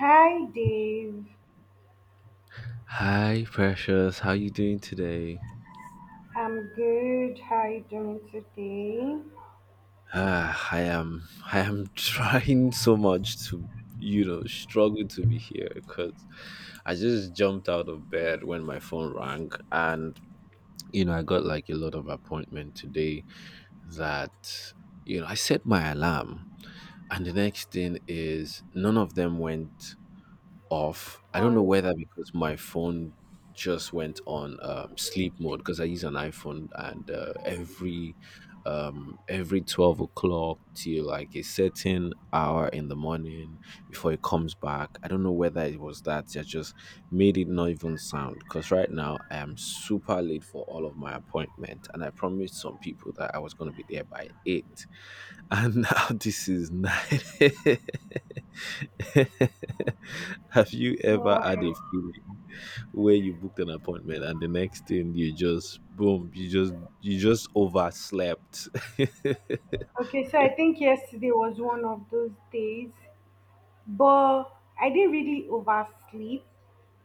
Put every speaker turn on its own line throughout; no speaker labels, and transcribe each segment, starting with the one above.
Hi Dave,
Hi, Precious. How you doing today?
I'm good. How are you doing today?
Ah, I am trying so much to, struggle to be here because I just jumped out of bed when my phone rang, and I got like a lot of appointment today. That I set my alarm, and the next thing is none of them went off. I don't know
On
whether because my phone just went on sleep mode because I use an iPhone and every 12 o'clock till like a certain hour in the morning before it comes back. I don't know whether it was that that just made it not even sound because right now I am super late for all of my appointment, and I promised some people that I was gonna be there by eight, and now this is nine. Have you ever
what?
had a feeling where you booked an appointment and the next thing you just boom, you just overslept?
Okay, so I think yesterday was one of those days, but I didn't really oversleep.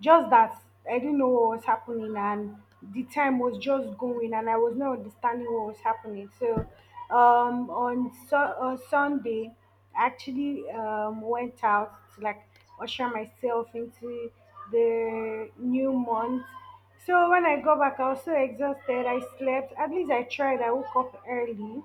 Just that I didn't know what was happening, and the time was just going, and I was not understanding what was happening. So, on Sunday, I actually went out to like usher myself into the new month. So when I got back, I was so exhausted. I slept. At least I tried. I woke up early,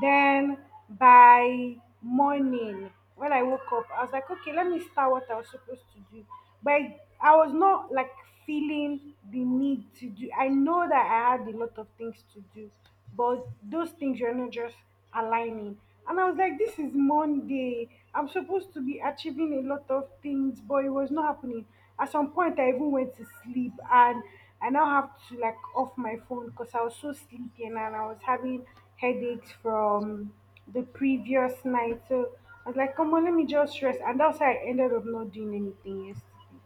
then by morning, when I woke up, I was like, okay, let me start what I was supposed to do. But I was not like feeling the need to do. I know that I had a lot of things to do, but those things you're not just aligning. And I was like, this is Monday. I'm supposed to be achieving a lot of things, but it was not happening. At some point, I even went to sleep and I now have to like off my phone because I was so sleepy and I was having headaches from the previous night. So I was like, come on, let me just rest. And that's how I ended up not doing anything yesterday.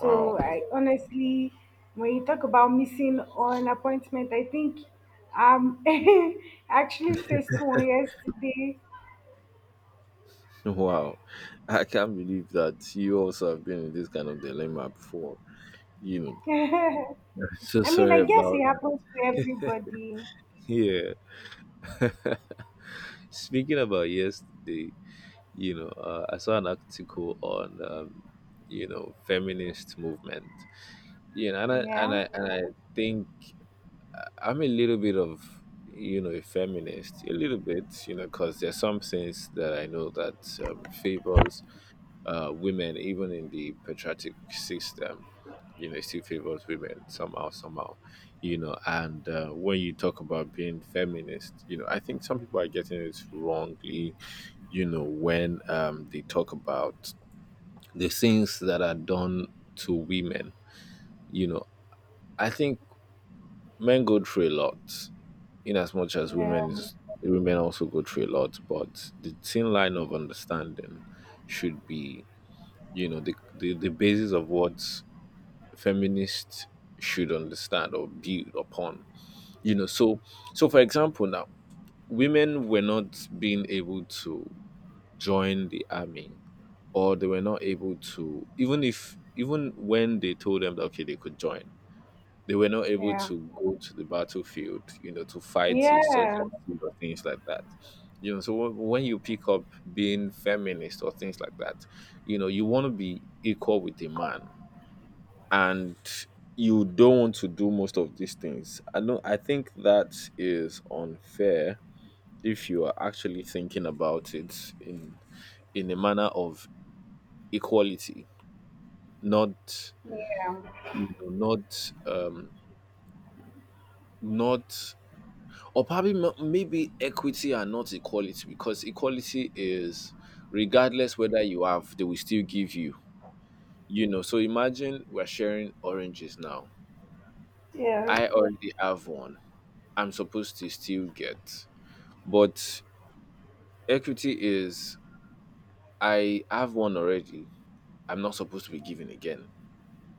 So I honestly, when you talk about missing on appointment, I think I actually faced one yesterday.
Wow. I can't believe that you also have been in this kind of dilemma before. You know. So
I mean,
sorry
I guess it
about that.
happens to everybody.
Yeah. Speaking about yesterday, I saw an article on, feminist movement, and I and
Yeah,
I and I think I'm a little bit of, a feminist, a little bit, because there's some things that I know that favors women, even in the patriarchic system. It still favors women somehow, somehow, and when you talk about being feminist, I think some people are getting it wrongly, when they talk about the things that are done to women. You know, I think men go through a lot, in as much as
yeah,
women also go through a lot. But the thin line of understanding should be, the basis of what feminists should understand or build upon. You know, so so for example, now, women were not being able to join the army, or they were not able to, even if even when they told them that okay they could join, they were not able
yeah,
to go to the battlefield, to fight
yeah,
insurgencies or things like that, so when you pick up being feminist or things like that, you want to be equal with a man, and you don't want to do most of these things. I know, I think that is unfair if you are actually thinking about it in a manner of equality, not
yeah,
not not, or probably maybe equity and not equality, because equality is, regardless whether you have, they will still give you. You know So imagine we're sharing oranges now.
yeah,
I already have one, I'm supposed to still get. But equity is, I have one already, I'm not supposed to be given again,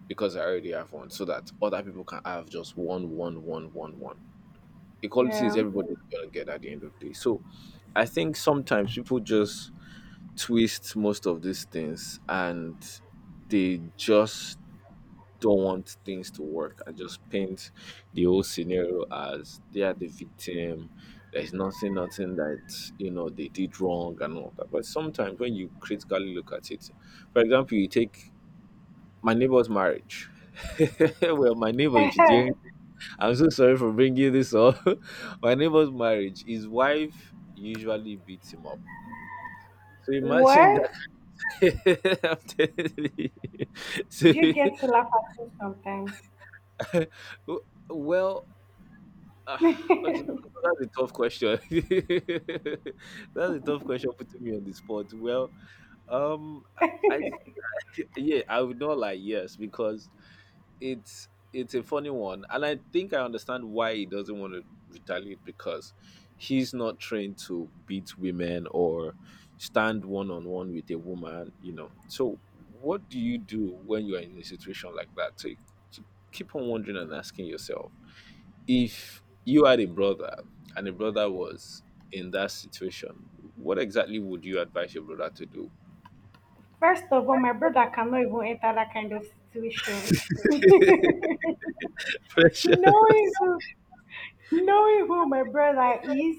because I already have one, so that other people can have just one, one, one, one, one. Equality is
yeah.
everybody's gonna get at the end of the day. So I think sometimes people just twist most of these things, and they just don't want things to work, and just paint the whole scenario as they are the victim. There's nothing, nothing that they did wrong and all that. But sometimes when you critically look at it, for example, you take my neighbor's marriage. Well, my neighbor, if he's hearing— I'm so sorry for bringing this up. My neighbor's marriage, his wife usually beats him up. So imagine that.
What
I'm telling
do you
you.
get to laugh at me sometimes?
So, well, uh, okay, that's a tough question. That's a tough question, putting me on the spot. Well, um, I yeah, I would not like, yes, because it's a funny one, and I think I understand why he doesn't want to retaliate, because he's not trained to beat women or stand one-on-one with a woman. So what do you do when you are in a situation like that? So you keep on wondering and asking yourself, if you had a brother, and a brother was in that situation, what exactly would you advise your brother to do?
First of all, my brother cannot even enter that kind of situation.
Pressure.
No, he do. Knowing who my brother is,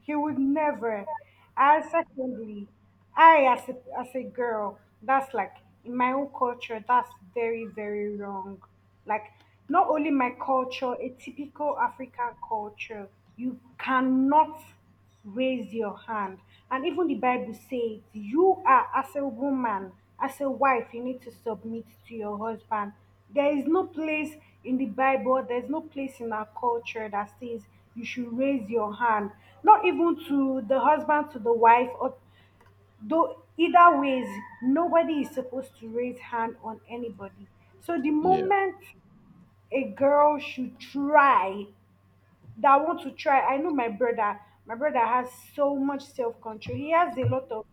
he would never. And secondly, as a girl, that's like in my own culture, that's very, very wrong. Like, not only my culture, a typical African culture, you cannot raise your hand. And even the Bible says, you are, as a woman, as a wife, you need to submit to your husband. There is no place in the Bible, there's no place in our culture that says you should raise your hand, not even to the husband, to the wife, or though either ways, nobody is supposed to raise hand on anybody. So the
Yeah,
moment a girl should try that I want to try. I know my brother. My brother has so much self control. He has a lot of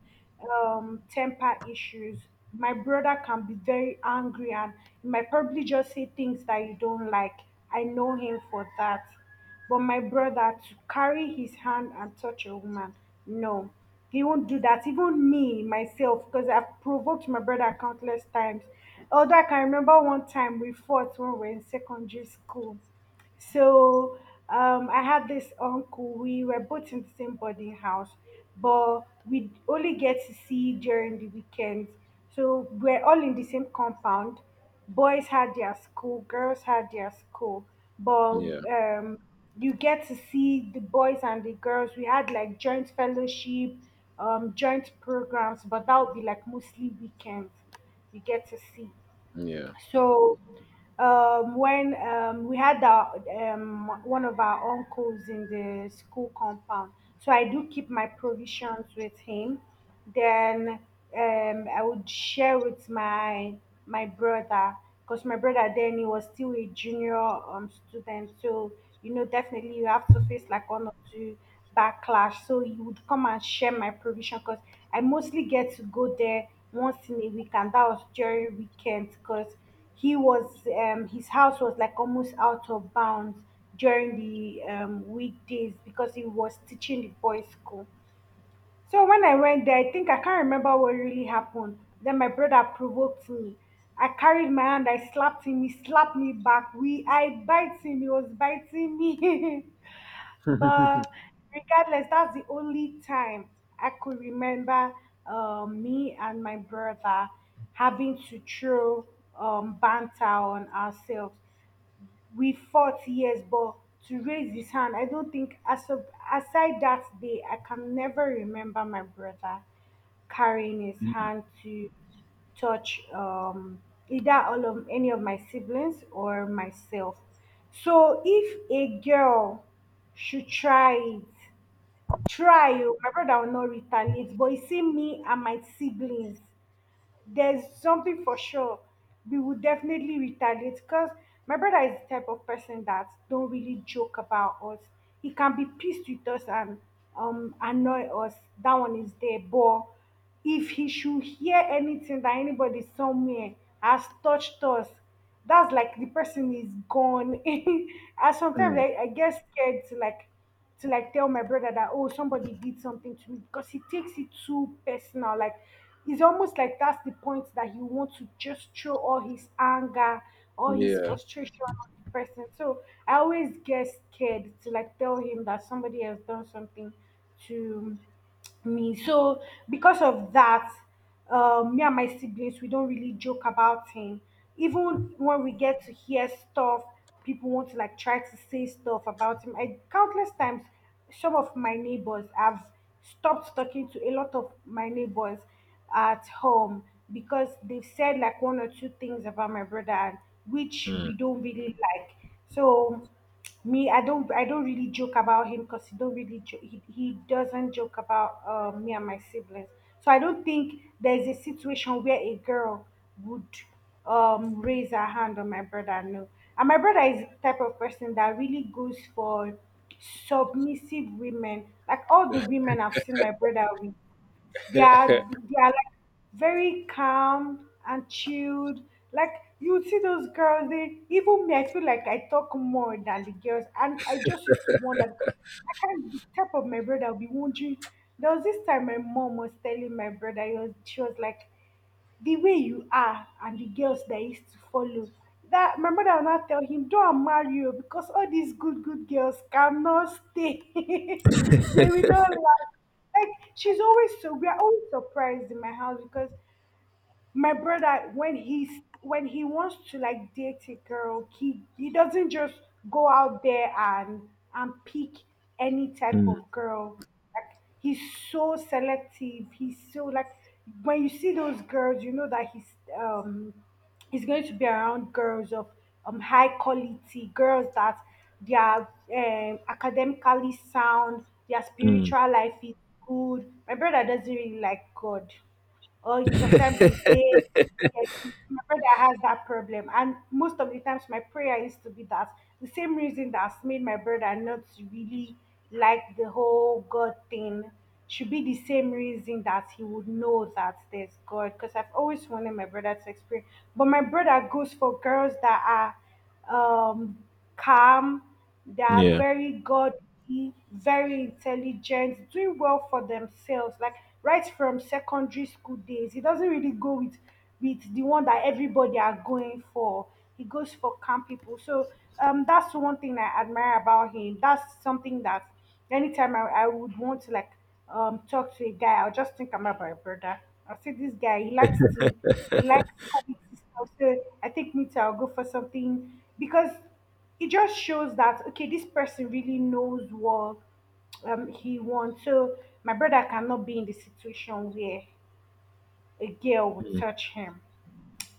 temper issues. My brother can be very angry and he might probably just say things that you don't like. I know him for that. But my brother to carry his hand and touch a woman, no, he won't do that. Even me myself, because I've provoked my brother countless times. Although I can remember one time we fought when we were in secondary school. So I had this uncle. We were both in the same boarding house, but we only get to see during the weekends. So we're all in the same compound. Boys had their school, girls had their school, but
yeah,
um, you get to see the boys and the girls. We had like joint fellowship, joint programs, but that would be like mostly weekends. You get to see.
yeah.
So when we had our, one of our uncles in the school compound, so I do keep my provisions with him. Then I would share with my brother, because my brother then, he was still a junior student, so you know definitely you have to face like one or two backlash, so he would come and share my provision because I mostly get to go there once in a week, and that was during weekends because he was his house was like almost out of bounds during the weekdays because he was teaching the boys school. So when I went there, I think I can't remember what really happened. Then my brother provoked me. I carried my hand, I slapped him, he slapped me back. We I bite him, he was biting me. But regardless, that's the only time I could remember me and my brother having to throw banter on ourselves. We fought, yes, but to raise his hand I don't think as of, aside that day I can never remember my brother carrying his hand to touch either all of any of my siblings or myself. So if a girl should try it, try it. My brother will not retaliate, but you see me and my siblings, there's something for sure, we would definitely retaliate because my brother is the type of person that don't really joke about us. He can be pissed with us and annoy us, that one is there, but if he should hear anything that anybody somewhere has touched us, that's like the person is gone. And sometimes
Mm.
I get scared to like tell my brother that oh somebody did something to me because he takes it too personal, like it's almost like that's the point that he wants to just throw all his anger, all his
Yeah.
frustration on the person. So I always get scared to like tell him that somebody has done something to me. So because of that, me and my siblings, we don't really joke about him. Even when we get to hear stuff, people want to like try to say stuff about him. I countless times, some of my neighbors have stopped talking to a lot of my neighbors at home because they've said like one or two things about my brother, and which
Mm.
we don't really like. So me, I don't really joke about him because he don't really, he doesn't joke about me and my siblings. So I don't think there's a situation where a girl would raise her hand on my brother. No, and my brother is the type of person that really goes for submissive women. Like all the women I've seen my brother with, they are they are like very calm and chilled. Like you see those girls, they even me, I feel like I talk more than the girls, and I just used to wonder because I can't be type of my brother, I will be wondering. There was this time my mom was telling my brother, she was like the way you are and the girls that used to follow. That my mother will not tell him, "Don't marry you because all these good good girls cannot stay. They will not last." Like she's always so we are always surprised in my house because my brother when he wants to like date a girl, he doesn't just go out there and pick any type
Mm,
of girl. Like he's so selective, he's so like when you see those girls you know that he's going to be around girls of high quality, girls that they are academically sound, their
mm,
spiritual life is good. My brother doesn't really like god, or sometimes you say, "Yeah, my brother has that problem," and most of the times my prayer used to be that the same reason that's made my brother not really like the whole god thing should be the same reason that he would know that there's god, because I've always wanted my brother to experience. But my brother goes for girls that are um, calm, they are
yeah,
very godly, very intelligent, doing well for themselves, like right from secondary school days. He doesn't really go with the one that everybody are going for. He goes for calm people. So that's one thing I admire about him. That's something that anytime I would want to like talk to a guy, I'll just think about my brother. I'll say this guy he likes to he likes quality. I'll say, I think me too, I'll go for something, because it just shows that okay, this person really knows what he wants. So my brother cannot be in the situation where a girl would
mm,
touch him.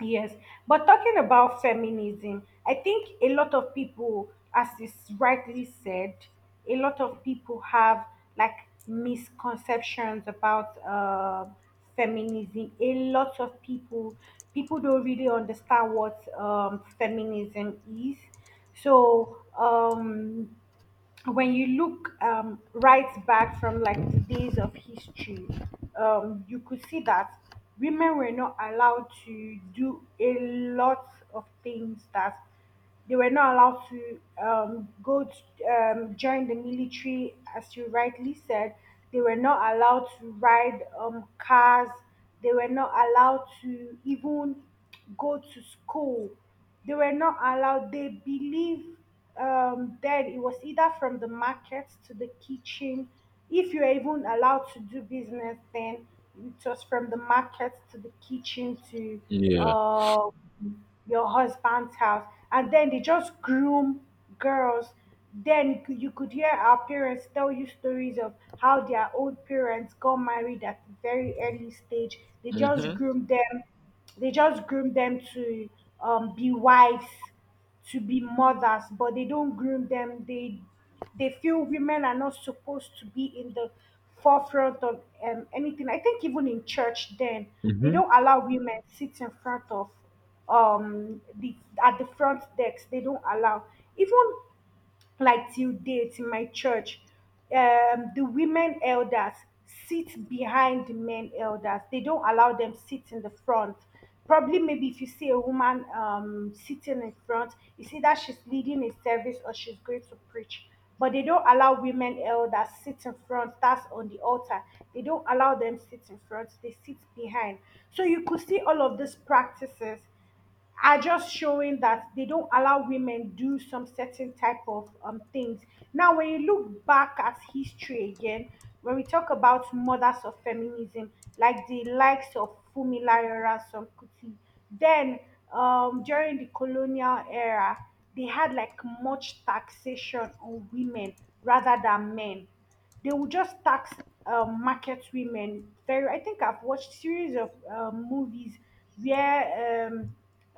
Yes, but talking about feminism, I think a lot of people, as is rightly said, a lot of people have like misconceptions about feminism. A lot of people, people don't really understand what feminism is. So when you look right back from like the days of history, you could see that women were not allowed to do a lot of things, that they were not allowed to join the military, as you rightly said. They were not allowed to ride cars. They were not allowed to even go to school. They were not allowed. They believe then it was either from the market to the kitchen. If you are even allowed to do business, then it was from the market to the kitchen to
yeah.
uh, your husband's house. And then they just groom girls. Then you could hear our parents tell you stories of how their own parents got married at a very early stage. They just
Mhm,
groomed them they just groom them to be wives, to be mothers, but they don't groom them. They feel women are not supposed to be in the forefront of anything. I think even in church, then they
mhm,
don't allow women sit in front of the at the front decks. They don't allow even, like, till date in my church, the women elders sit behind the men elders. They don't allow them sit in the front. Probably maybe if you see a woman sitting in front, you see that she's leading a service or she's going to preach. But they don't allow women elders sit in front, that's on the altar. They don't allow them sit in front, they sit behind. So you could see all of these practices are just showing that they don't allow women do some certain type of things. Now, when you look back at history again, when we talk about mothers of feminism, like the likes of Fumi Layora Sankuti, then during the colonial era, they had like much taxation on women rather than men. They will just tax market women very. I think I've watched series of movies where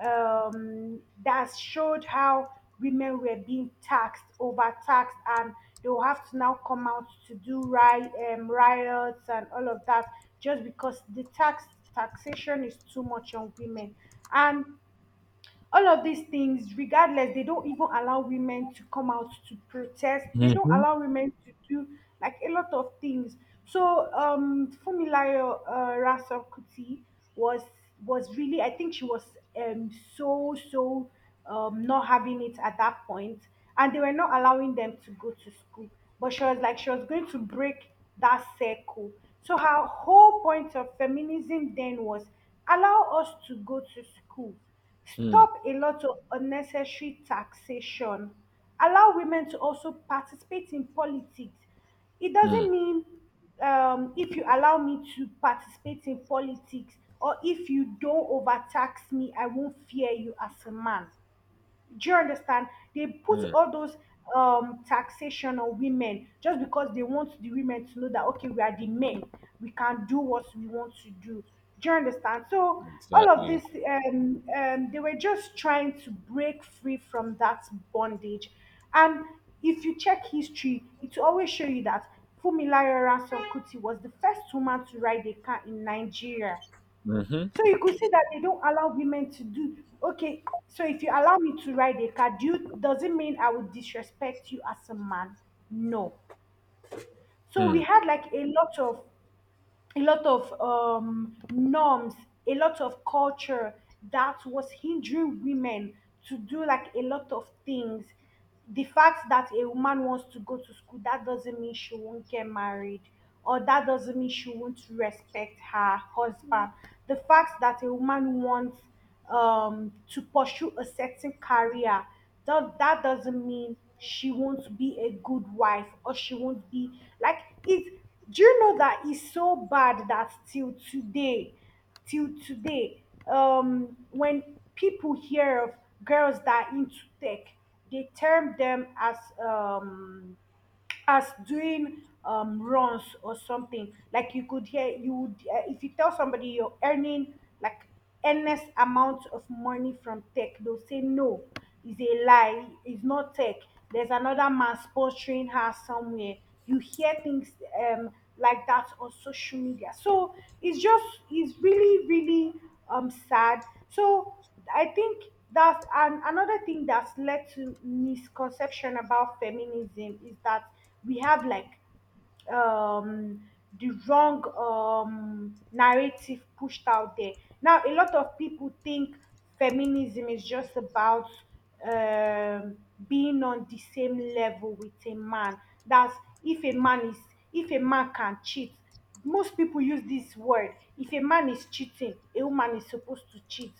um, that showed how women were being taxed, overtaxed, and they will have to now come out to do riot, riots and all of that, just because the taxation is too much on women. And all of these things regardless, they don't even allow women to come out to protest. They don't
mhm,
allow women to do like a lot of things. So Fumilayo Raso kuti was was really I think she was um so so not having it at that point. And they were not allowing them to go to school, but she was like she was going to break that circle. So her whole point of feminism then was, allow us to go to school.
mm,
Stop a lot of unnecessary taxation. Allow women to also participate in politics. It doesn't
mm,
mean, if you allow me to participate in politics or if you don't overtax me, I won't fear you as a man. Do you understand? They put
mm.
all those taxation on women just because they want the women to know that, okay, we are the men, we can do what we want to do. Do you understand? So all of
Exactly.
this they were just trying to break free from that bondage. And if you check history, it will always show you that Funmilayo Ransome Kuti was the first woman to ride a car in Nigeria.
Mhm,
So you could see that they don't allow women to do, okay. So if you allow me to ride a car, do you, does it mean I would disrespect you as a man? No. So we
mm,
had like a lot of, a lot of norms, a lot of culture that was hindering women to do like a lot of things. The fact that a woman wants to go to school, that doesn't mean she won't get married, or that doesn't mean she won't respect her husband. The fact that a woman wants to pursue a certain career, that doesn't mean she won't be a good wife or she won't be like it. Do you know that it's so bad that till today, till today, when people hear of girls that are into tech, they term them um as doing runs or something. Like you could hear, you would, if you tell somebody you're earning like endless amounts of money from tech, they'll say no, it's a lie, it's not tech. There's another man sponsoring her somewhere. You hear things um, like that on social media. So it's just, it's really, really sad. So I think that's an, another thing that's led to misconception about feminism is that we have like um the wrong narrative pushed out there. Now, a lot of people think feminism is just about um, being on the same level with a man. That's, if a man is, if a man can cheat. Most people use this word. If a man is cheating, a woman is supposed to cheat.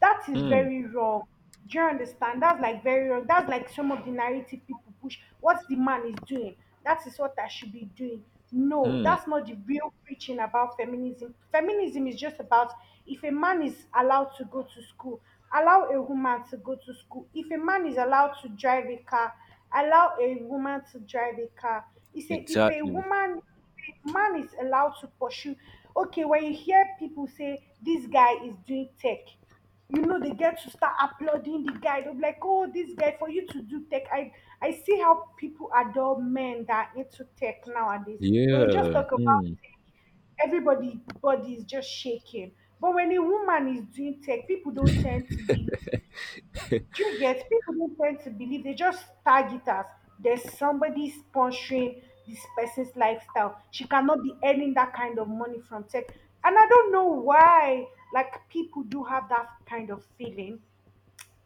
That is
mm,
very wrong. Do you understand? That's like very wrong. That's like some of the narrative people push. What the man is doing, that is what I should be doing. No,
mm.
that's not the real preaching about feminism. Feminism is just about, if a man is allowed to go to school, allow a woman to go to school. If a man is allowed to drive a car, allow a woman to drive a car. It's a, if a
Exactly.
woman, man is allowed to pursue, okay, when you hear people say this guy is doing tech, you know they get to start applauding the guy. They'll be like, oh, this guy, for you to do tech, I see how people adore men that are into tech nowadays. When you just
Yeah.
talk about
Mm,
tech, everybody body is just shaking. But when a woman is doing tech, people don't tend to believe. Do you get? People don't tend to believe, they just tag it as there's somebody sponsoring this person's lifestyle. She cannot be earning that kind of money from tech. And I don't know why like people do have that kind of feeling,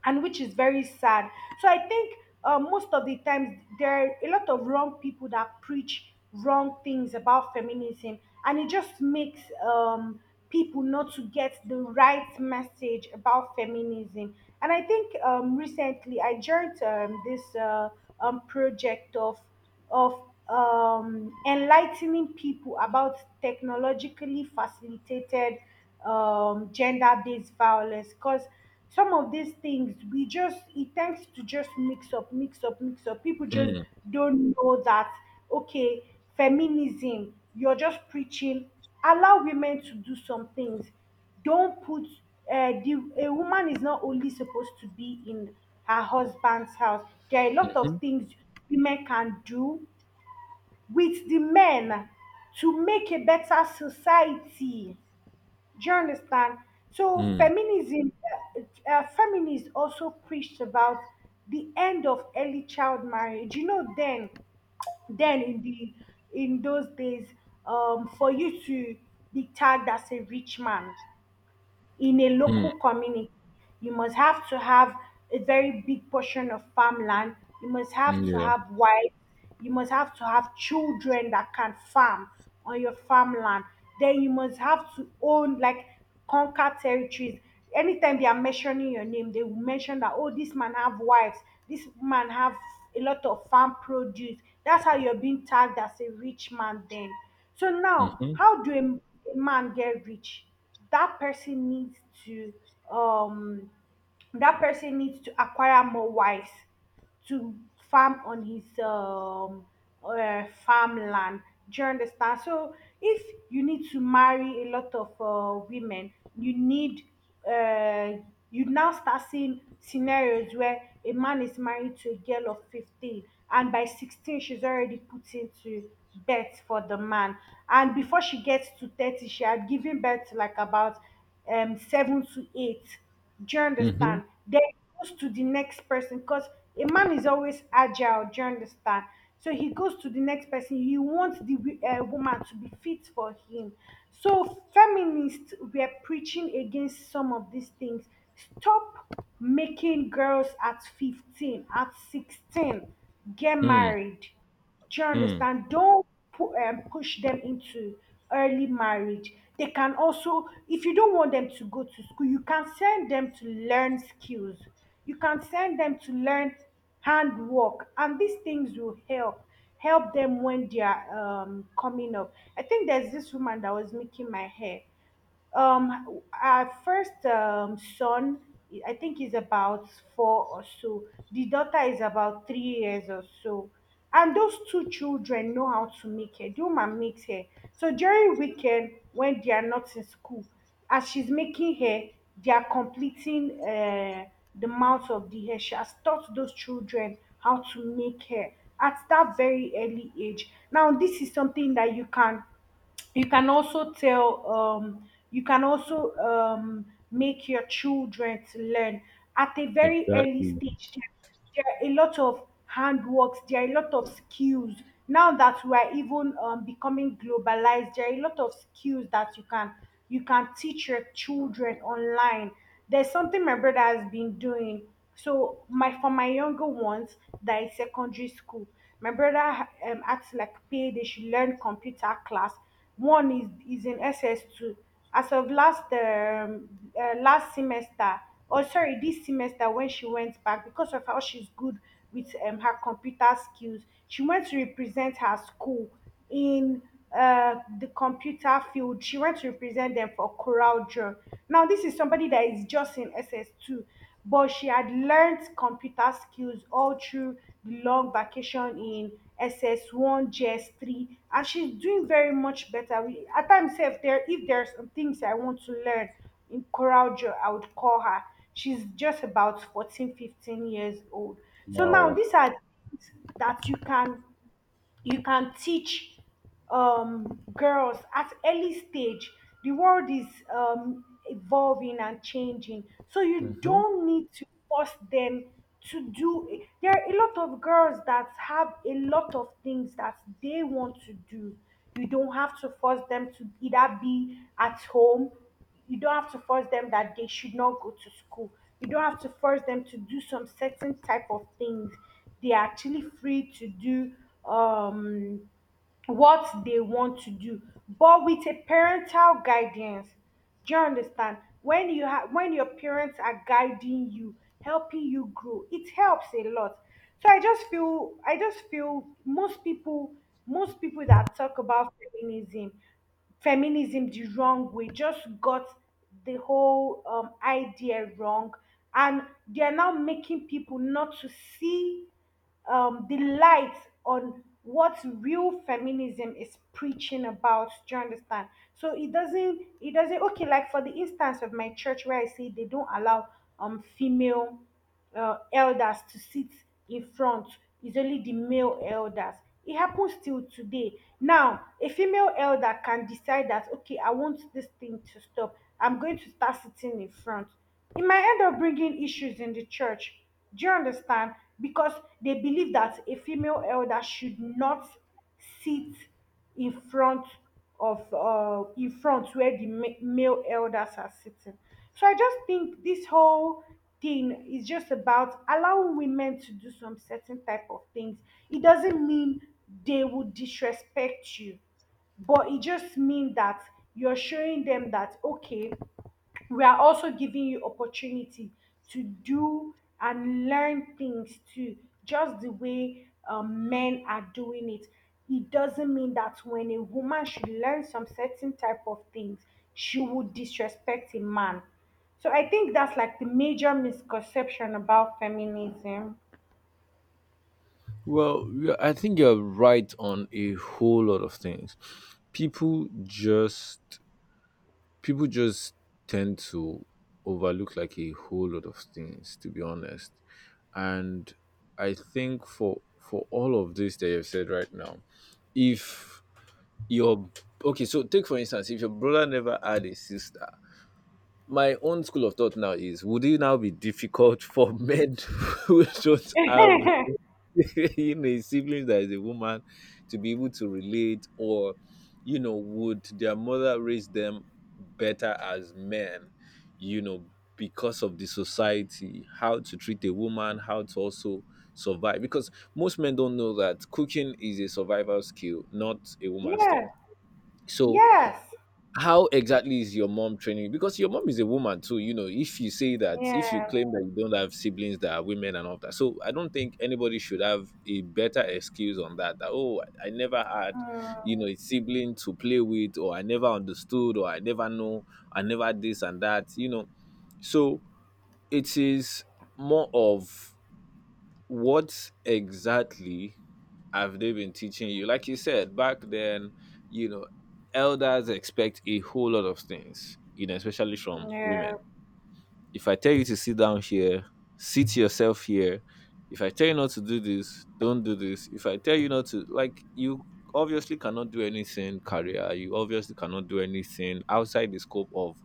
and which is very sad. So I think most of the times there are a lot of wrong people that preach wrong things about feminism, and it just makes people not to get the right message about feminism. And I think recently I joined this project of enlightening people about technologically facilitated gender-based violence, because some of these things we just, it tends to just mix up. People just
mm,
don't know that, okay, feminism, you're just preaching, allow women to do some things. Don't put, the, a woman is not only supposed to be in her husband's house. There are a lot of
mhm,
things women can do with the men to make a better society. Do you understand? So
mm,
feminism, feminists also preached about the end of early child marriage. You know then in the, in those days, for you to be tagged as a rich man in a
mm.
local community. You must have to have a very big portion of farmland. You must have to
Yeah.
have wives. You must have to have children that can farm on your farmland. Then you must have to own, like, conquer territories. Anytime they are mentioning your name, they will mention that, oh, this man have wives. This man have a lot of farm produce. That's how you're being tagged as a rich man then. So now,
Mhm,
how do a man get rich? That person needs to, um acquire more wives to farm on his farmland. Do you understand? So if you need to marry a lot of women, you need, uh, you now start seeing scenarios where a man is married to a girl of 15, and by 16 she's already put into birth for the man. And before she gets to 30, she had given birth to like about 7 to 8. Do you
mhm,
understand? Then he goes to the next person, because a man is always agile. Do you understand? So he goes to the next person. He wants the woman to be fit for him. So feminists were preaching against some of these things. Stop making girls at 15, at 16 get
mm,
married. Do you
mm.
understand? Don't push them into early marriage. They can also, if you don't want them to go to school, you can send them to learn skills. You can send them to learn handwork, and these things will help them when they are coming up. I think there's this woman that was making my hair. Our first son, I think, is about 4 or so. The daughter is about 3 years or so. And those two children know how to make hair. Do and makes hair. So during weekend, when they are not in school, as she's making hair, they are completing the mouth of the hair. She has taught those children how to make hair at that very early age. Now, this is something that you can also tell you can also make your children to learn at a very early
Exactly.
stage there are a lot of handworks, there are a lot of skills now that we are even becoming globalized. There are a lot of skills that you can teach your children online. There's something my brother has been doing. So my for my younger ones that is secondary school, my brother acts like pay they should learn computer class. One is in SS2. As of last semester, or sorry, this semester, when she went back, because of how she's good with her computer skills, she went to represent her school in the computer field. She went to represent them for Coral Draw. Now, this is somebody that is just in SS2, but she had learned computer skills all through the long vacation in SS1, GS3, and she's doing very much better. We, at times, if there if there's some things I want to learn in Coral Draw, I would call her. She's just about 14, 15 years old. So now
Wow.
these are things that you can teach girls at early stage. The world is evolving and changing, so you
Mhm.
don't need to force them to do it. There are a lot of girls that have a lot of things that they want to do. You don't have to force them to either be at home, you don't have to force them that they should not go to school. You don't have to force them to do some certain type of things. They are actually free to do um what they want to do, but with a parental guidance. Do you understand? When you have when your parents are guiding you, helping you grow, it helps a lot. So I just feel most people that talk about feminism feminism the wrong way just got the whole idea wrong. And they are now making people not to see the light on what real feminism is preaching about. Do you understand? So it doesn't. It doesn't. Okay, like for the instance of my church where I say they don't allow female elders to sit in front. It's only the male elders. It happens till today. Now, a female elder can decide that okay, I want this thing to stop. I'm going to start sitting in front. It might end up bringing issues in the church. Do you understand? Because they believe that a female elder should not sit in front of in front where the male elders are sitting. So I just think this whole thing is just about allowing women to do some certain type of things. It doesn't mean they will disrespect you, but it just means that you're showing them that okay, we are also giving you opportunity to do and learn things too, just the way men are doing it. It doesn't mean that when a woman should learn some certain type of things, she would disrespect a man. So I think that's like the major misconception about feminism.
Well, yeah, I think you're right on a whole lot of things. People just people just tend to overlook like a whole lot of things, to be honest. And I think, for all of this that you've said right now, if your okay, so take for instance, if your brother never had a sister. My own school of thought now is, would it now be difficult for men who don't have a sibling that is a woman, to be able to relate? Or would their mother raise them better as men, you know because of the society, how to treat a woman, how to also survive? Because most men don't know that cooking is a survival skill, not a woman's thing.
Yeah.
So
Yes.
how exactly is your mom training you? Because your mom is a woman too, you know. If you
Yeah.
claim that you don't have siblings that are women and all that, so I don't think anybody should have a better excuse on that. That, oh, I never had,
Mm,
a sibling to play with, or I never understood, or I never know, I never this and that. So it is more of, what exactly have they been teaching you? Like you said, back then, you know, elders expect a whole lot of things, especially from women.
yeah.
If I tell you to sit down here, sit yourself here; if I tell you not to do this, don't do this. If I tell you not to, like, you obviously cannot do anything career, you obviously cannot do anything outside the scope of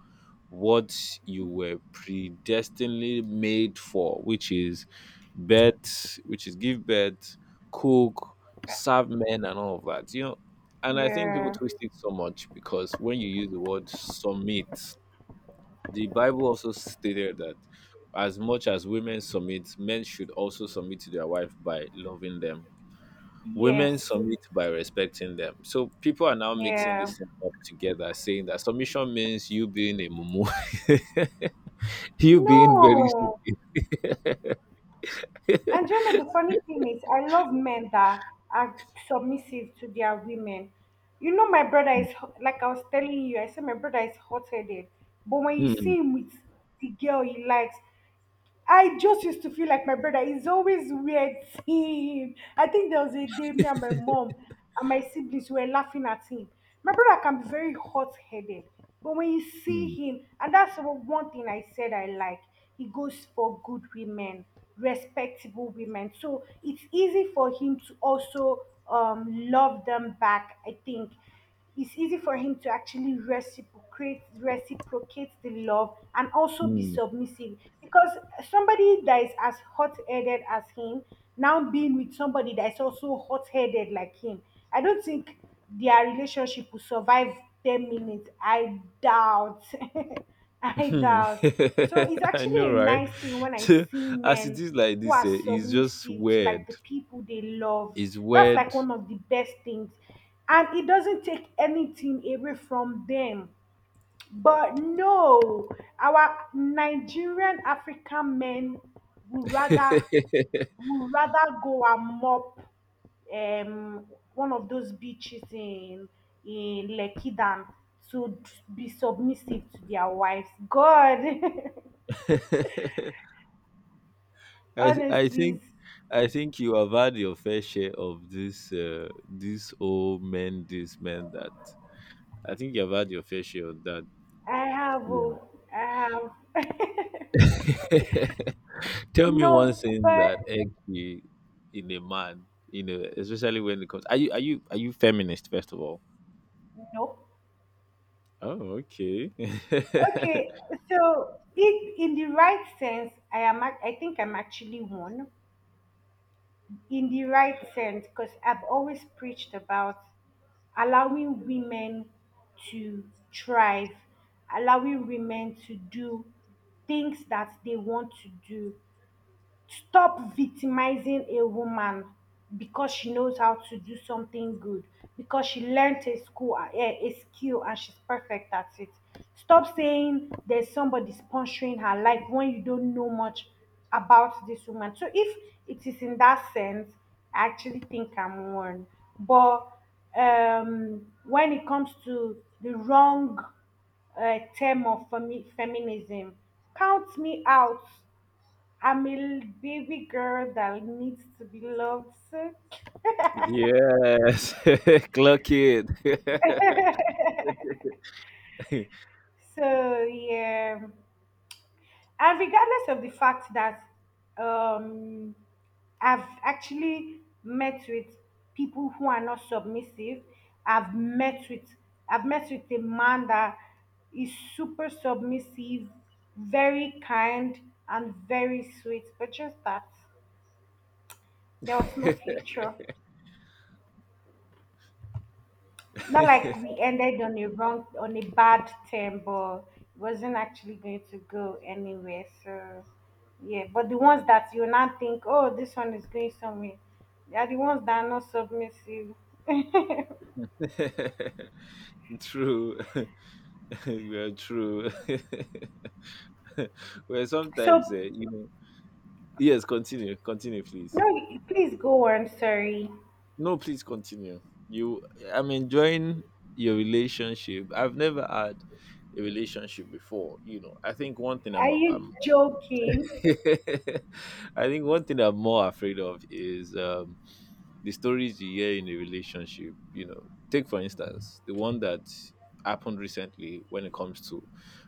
what you were predestinedly made for, which is give birth, cook, serve men, and all of that. And I think people
Yeah.
twist it so much, because when you use the word submit, the Bible also stated that as much as women submit, men should also submit to their wife by loving them.
Yes.
Women submit by respecting them. So people are now mixing
Yeah.
this thing up together, saying that submission means you being a mumu. You've been very.
No. And you know, the funny thing is, I love men that are submissive to their women. You know, my brother is, like I was telling you, I said my brother is hot headed. But when you
Hmm,
see him with the girl he likes, I just used to feel like my brother is always weird seeing him. I think there was a day me and my mom and my siblings were laughing at him. My brother can be very hot headed, but when you see
hmm,
him, and that's what one thing I said I like, he goes for good women, respectable women. So it's easy for him to also love them back. I think it's easy for him to actually reciprocate the love and also be
hmm,
submissive, because somebody that is as hot-headed as him now being with somebody that is also hot-headed like him, I don't think their relationship will survive 10 minutes. I doubt. I
hmm.
doubt. So it's
I
actually
know,
a
right?
nice thing when I
So,
see
as it
men
is like
who
this,
are
eh, it's just
submissive to like
weird.
the people they love.
It's
That's like
weird.
one of the best things. And it doesn't take anything away from them. But no, our Nigerian African men would rather go and mop um one of those beaches in Lekki than to be submissive to their wives. God,
I I
honestly,
think I think you have had your fair share of this old men, this man. That I think you have had your fair share of that.
I have,
You
oh,
know.
I have.
Tell me one
No,
thing
but
that egg you in a man, especially when it comes. Are you feminist, first of all?
no.
Oh, okay.
Okay, so if in the right sense, I am. I think I'm actually one in the right sense, because I've always preached about allowing women to thrive, allowing women to do things that they want to do, stop victimizing a woman because she knows how to do something good, because she learned a skill and she's perfect at it, stop saying there's somebody sponsoring her life when you don't know much about this woman. So if it is in that sense, I actually think I'm one. But when it comes to the wrong term of feminism, count me out. I'm a baby girl that needs to be loved. So,
Yes, clock it.
so, yeah. And regardless of the fact that um, I've actually met with people who are not submissive, I've met with I've met with a man that is super submissive, very kind, and very sweet. But just that there was no future. Not like we ended on a bad term, but it wasn't actually going to go anywhere. So, yeah. But the ones that you now think, oh, this one is going somewhere, they are the ones that are not submissive.
True, well, true. Well,
So,
sometimes, you know. Yes, continue, continue, please.
no, please go on. Sorry.
No, please continue. You, I'm enjoying your relationship. I've never had a relationship before. I think one thing
Are
I'm
you joking?
I think one thing I'm more afraid of is the stories you hear in a relationship, take for instance the one that happened recently. When it comes to,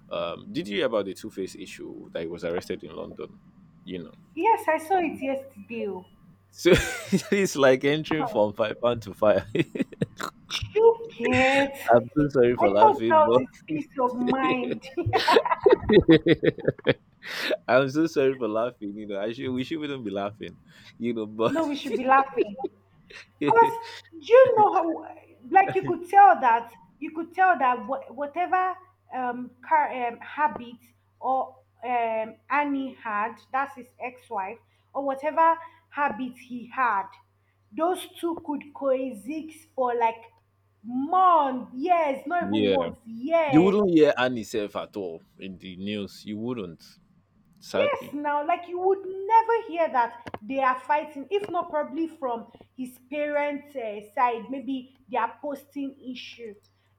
did you hear about the Two-Face issue that he was arrested in London? You know.
Yes, I saw it yesterday. Oh.
So it's like entering
Huh.
from £5 to fire.
Chuket.
I'm so sorry for
I thought that
laughing,
was
but—
his peace of mind.
I'm so sorry for laughing. You know, I should we should not be laughing, but—
No, we should be laughing. Because do you know how, like you could tell that whatever car habit or Annie had, that's his ex-wife, or whatever habit he had, those two could coexist for like months, years, not even
yeah.
months,
You
years.
wouldn't hear Annie self at all in the news. You wouldn't,
Yes,
sadly.
now, like you would never hear that they are fighting, if not probably from his parents' side, maybe their posting issue.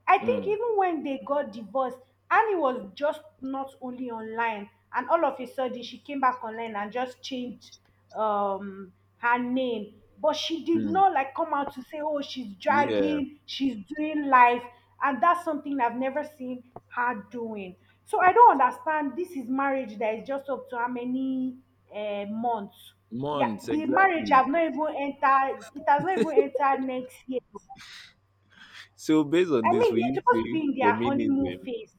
I think
Mm,
even when they got divorced, Annie was just not only online, and all of a sudden she came back online and just changed um her name, but she did
mm,
not like come out to say oh she's
yeah.
dragging, she's doing life. And that's something I've never seen her doing. So I don't understand, this is marriage that is just up to how many months. Yeah,
Months,
the marriage
exactly.
have not even entered, it has not even entered next year.
So based on
I
this,
mean,
will
they're
you
supposed to be
say
in their honeymoon
feminism?
phase.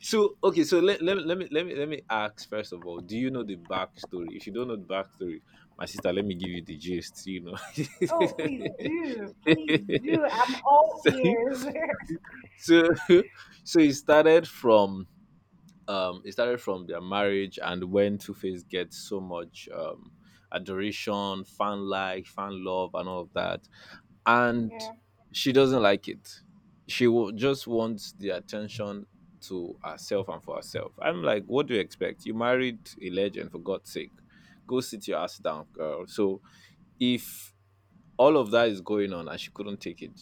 So okay, so let, let, me- let me let me let me ask, first of all, do you know the backstory? If you don't know the backstory, my sister, let me give you the gist, you know.
Oh please do, please do, I'm all
so,
ears.
so so it started from their marriage, and when Two Face gets so much adoration, fan like, fan love, and all of that. And
Yeah.
she doesn't like it. She will just wants the attention to herself and for herself. I'm like, what do you expect? You married a legend, for God's sake. Go sit your ass down, girl. So if all of that is going on and she couldn't take it,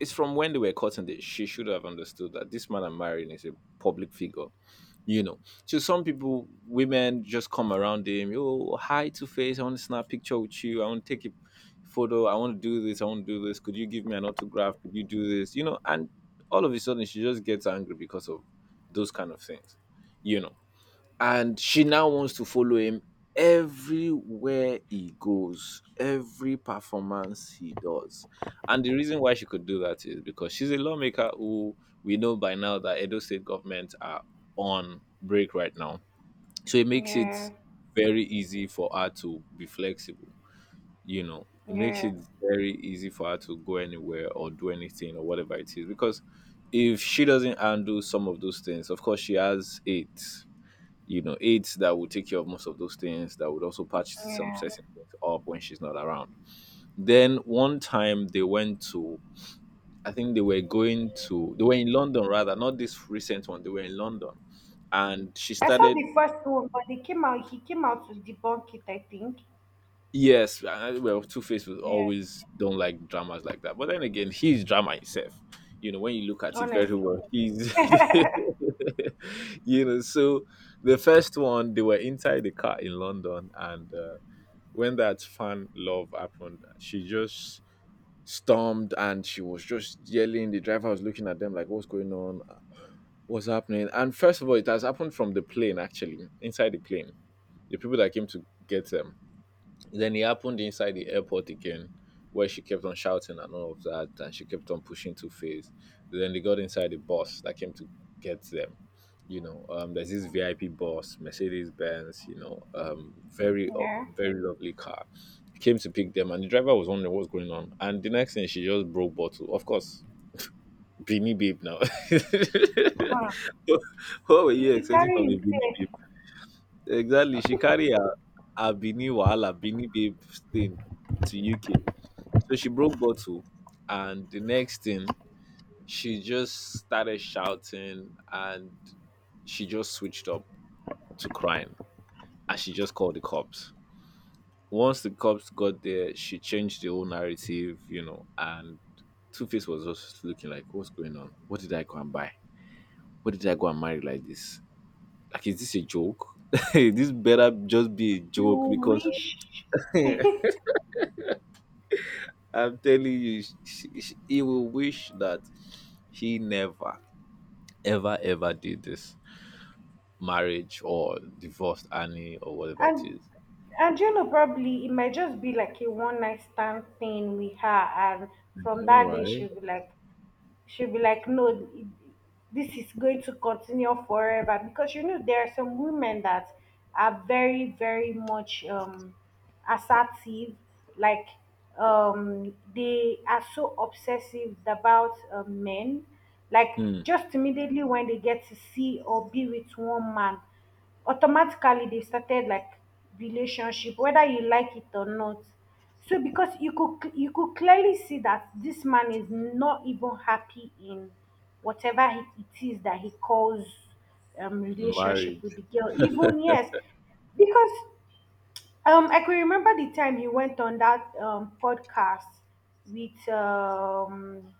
it's from when they were cutting this. She should have understood that this man I'm marrying is a public figure, you know. So some people, women, just come around him. Oh, hi, Two Face. I want to snap a picture with you. I want to take a photo. I want to do this. I want to do this. Could you give me an autograph? Could you do this? And all of a sudden she just gets angry because of those kind of things, you know and she now wants to follow him everywhere he goes, every performance he does. And the reason why she could do that is because she's a lawmaker who, we know by now, that Edo State Government are on break right now. So it makes
Yeah.
it very easy for her to be flexible. It makes
Yeah.
it very easy for her to go anywhere or do anything or whatever it is. Because if she doesn't handle some of those things, of course, she has aids, aides that will take care of most of those things, that would also patch some
Yeah.
certain things up when she's not around. Then one time they went to, I think they were going to, they were in London rather, not this recent one, they were in London. And she
I saw
started,
the first one, but they came out. He came out to debunk it, I think.
yes, well, Two Face was
Yeah,
always don't like dramas like that. But then again, he's drama himself. You know, when you look at it very
honestly.
well, he's, you know, so the first one, they were inside the car in London and, when that fan love happened, she just stormed and she was just yelling. The driver was looking at them like, "What's going on? What's happening?" And first of all, it has happened from the plane actually, inside the plane. The people that came to get them, then it happened inside the airport again, where she kept on shouting and all of that, and she kept on pushing two phase. Then they got inside the bus that came to get them. There's this VIP bus, Mercedes Benz. Very
Yeah.
very lovely car. Came to pick them, and the driver was wondering what's going on. And the next thing, she just broke bottle. Of course, Beanie Babe now.
Huh.
What were you
He
expecting
carry
from a Beanie Babe?
himself.
Exactly. Her Bini Wahala, Bini Babe thing to UK. So she broke bottle. And the next thing, she just started shouting and she just switched up to crying. And she just called the cops. Once the cops got there, she changed the whole narrative, you know, and Two Face was just looking like, what's going on? What did I go and buy? What did I go and marry like this? Like, is this a joke? This better just be a
You
joke because
wish, and
I'm telling you, sh sh he will wish that he never, ever, ever did this marriage or divorced Annie or whatever it is.
you know, probably it might just be like a one night stand thing with her, and from
No,
that day
right?
she'll be like, no, this is going to continue forever, because you know there are some women that are very, very much assertive, like they are so obsessive about men, like
Hmm.
just immediately when they get to see or be with one man, automatically they started like relationship whether you like it or not. So because you could clearly see that this man is not even happy in whatever it is that he calls relationship with
Marriage.
the girl, even yes. Because I can remember the time he went on that podcast with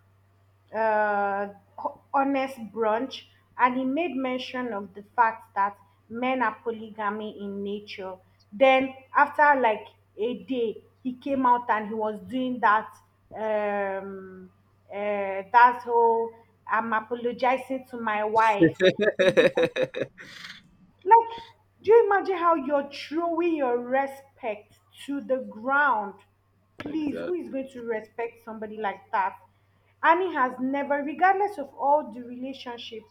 uh, honest brunch, and he made mention of the fact that men are polygamy in nature. Then, after like a day, he came out and he was doing that um, uh, that whole I'm apologizing to my wife. Like, do you imagine how you're throwing your respect to the ground? Please, who is
Exactly.
going to respect somebody like that? Annie has never, regardless of all the relationship,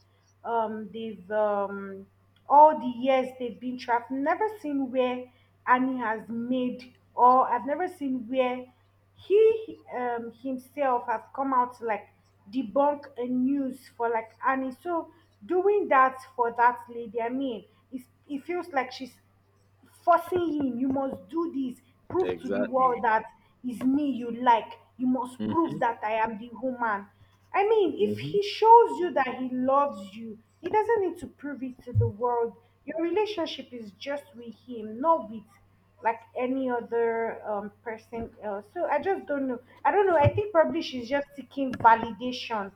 they've all the years they've been through, I've never seen where Annie has made, or I've never seen where he um himself have come out to like debunk a news for like Annie. So doing that for that lady, I mean, it feels like she's forcing him, "You must do this, prove to the world
Exactly.
that is me you like, you must prove
Mm-hmm.
that I am the woman." I mean, if
Mm-hmm.
he shows you that he loves you, he doesn't need to prove it to the world. Your relationship is just with him, not with like any other person else. So I just don't know. I don't know. I think probably she's just seeking validation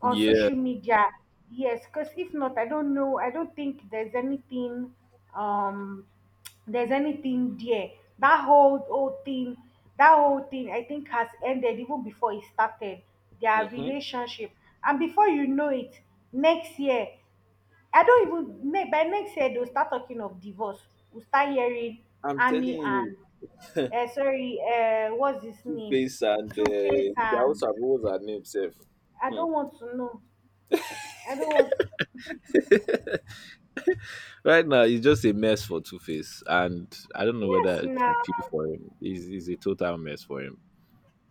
on
Yeah.
social media. Yes, because if not, I don't know, I don't think there's anything, um there's anything there. That whole thing, that whole thing I think has ended even before it started, their
Mm-hmm.
relationship. And before you know it, next year, I don't even ne- by next year they'll start talking of divorce. We'll start hearing
I'm
Annie
telling
and
you,
sorry, what's his
Two
name,
Face and
Two Face. And
Dowsa, what was her name, Seth?
I
Hmm.
don't want to know, I don't want.
Right now, it's just a mess for Two Face, and I don't know whether I
Yes, now.
should feel for him. He's a total mess for him.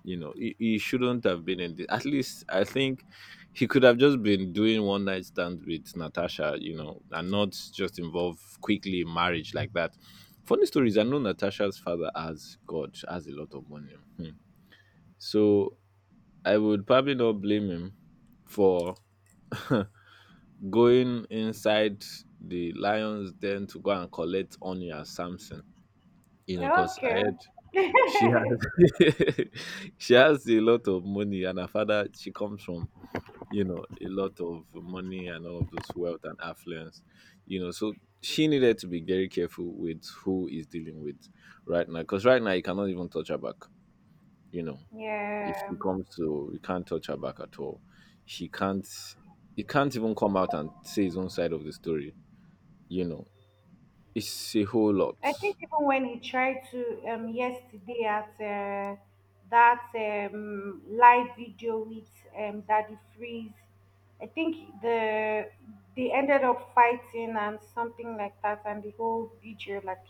You know, he shouldn't have been in this. At least I think he could have just been doing one night stand with Natasha, you know, and not just involve quickly in marriage like that. Funny stories. I know Natasha's father has God has a lot of money. Hmm. So I would probably not blame him for going inside the lion's den to go and collect Onya Samson. You know, because I
Okay.
heard she has she has a lot of money, and her father, she comes from, you know, a lot of money and all of those wealth and affluence, you know. So she needed to be very careful with who is dealing with right now, because right now you cannot even touch her back. You know, if
Yeah,
she comes to, you can't touch her back at all. She can't. He can't even come out and say his own side of the story. You know, it's a whole lot.
I think even when he tried to yesterday at that live video with Daddy Freeze, I think they ended up fighting and something like that, and the whole video like,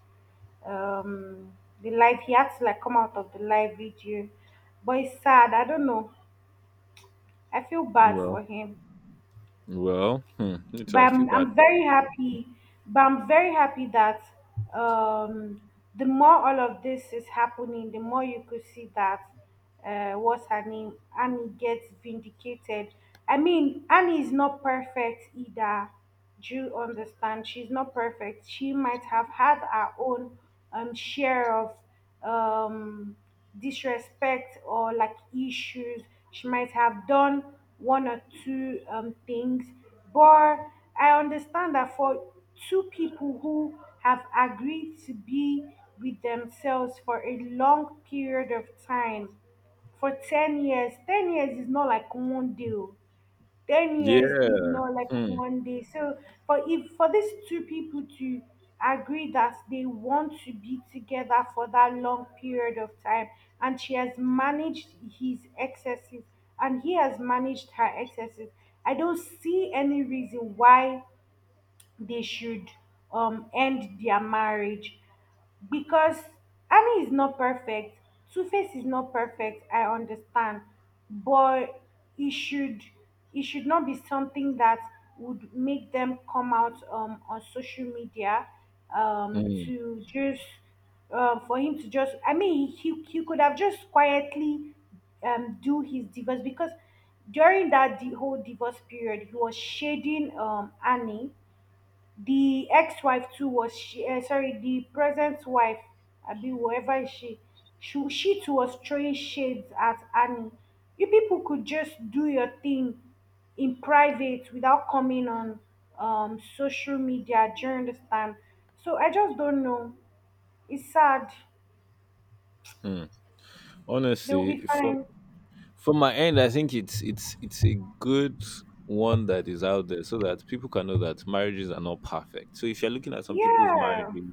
um, the live, he had to like come out of the live video. But it's sad. I don't know. I feel bad for
Well,
him.
well, hmm, me
but
too, I feel
I'm,
bad
I'm
for
very
him.
happy but I'm very happy that, um the more all of this is happening, the more you could see that, uh, what's her name, Annie, gets vindicated. I mean, Annie is not perfect either. Do understand, she's not perfect. She might have had her own share of um, disrespect or like issues. She might have done one or two things, but I understand that for two people who have agreed to be with themselves for a long period of time, for 10 years. 10 years is not like one deal, 10 years is
Yeah.
not like
Hmm,
one day. So for, if for these two people to agree that they want to be together for that long period of time, and she has managed his excesses and he has managed her excesses, I don't see any reason why they should end their marriage. Because Annie is not perfect, Two Face is not perfect, I understand, but it should, it should not be something that would make them come out on social media
hmm,
to just, for him to just. I mean, he could have just quietly do his divorce. Because during that, the whole divorce period, he was shading Annie. The ex-wife too was she, sorry, the present wife, Abi, whoever is she, she too was throwing shades at Annie. You people could just do your thing in private without coming on social media. Do you understand? So I just don't know. It's sad.
hmm.
They'll be
Honestly, for
fine.
from my end, I think it's a good one that is out there so that people can know that marriages are not perfect. So if you're looking at some people's
Yeah.
marriages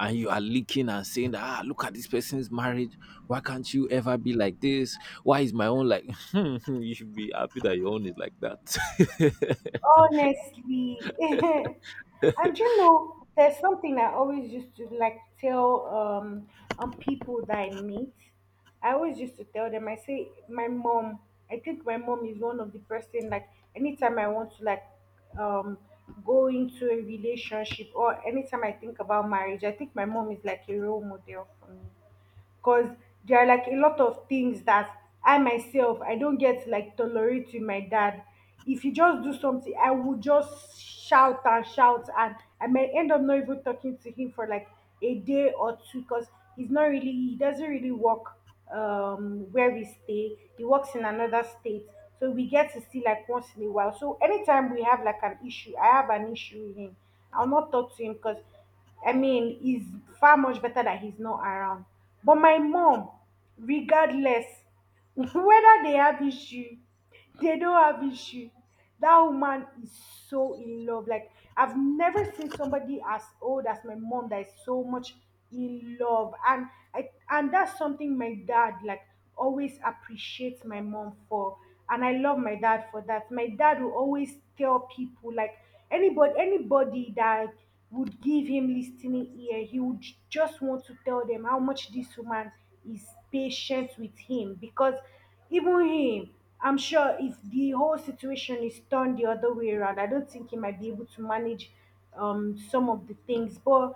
and you are looking and saying that, ah, look at this person's marriage, why can't you ever be like this? Why is my own like you should be happy that your own is like that.
Honestly, and you know, there's something I always used to like tell on people that I meet. I always used to tell them. I say my mom. I think my mom is one of the person like anytime I want to like um go into a relationship or anytime I think about marriage, I think my mom is like a role model for me. Because there are like a lot of things that I myself I don't get like tolerate with my dad. If he just do something, I would just shout and shout, and I may end up not even talking to him for like a day or two. Because he doesn't really work where we stay. He works in another state. So we get to see like once in a while. So anytime we have like an issue, I have an issue with him, I'll not talk to him. Because I mean, it's far much better that he's not around. But my mom, regardless, whether they have issue, they don't have issue, that woman is so in love. Like, I've never seen somebody as old as my mom that is so much in love. And I, and that's something my dad like always appreciate my mom for, and I love my dad for that. My dad will always tell people like anybody, anybody that would give him listening ear, he would just want to tell them how much this woman is patient with him. Because even him, I'm sure if the whole situation is turned the other way around, I don't think he might be able to manage some of the things. But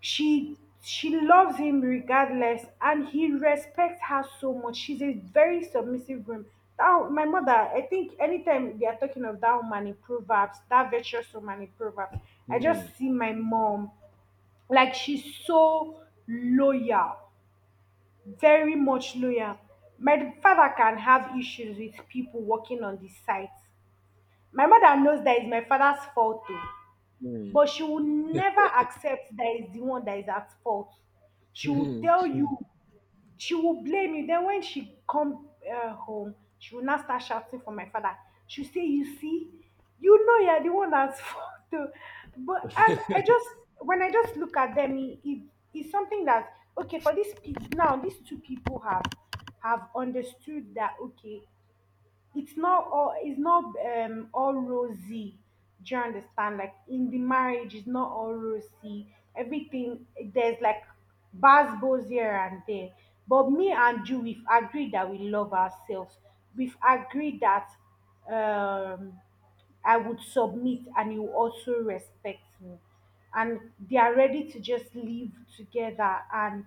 she loves him regardless, and he respects her so much. She's a very submissive woman, that my mother. I think anytime they are talking of that woman in Proverbs, that virtuous woman in Proverbs, I
Hmm,
just see my mom. Like, she's so loyal, very much loyal. My father can have issues with people working on the site, my mother knows that it's my father's fault too,
hmm,
but she will never accept that is the one that is at fault. She will
hmm,
tell you,
hmm.
she will blame you. Then when she come home, she will now start shouting for my father. She will say, "You see, you know you're the one that's fault. Oh." But and I just, when I just look at them, it's something that, okay, for these people now, these two people have understood that, okay, it's not all rosy. Do you understand? Like, in the marriage, it's not all rosy, everything. There's like bad bows here and there. But me and you, we've agreed that we love ourselves, we've agreed that, um I would submit and you also respect me, and they are ready to just live together and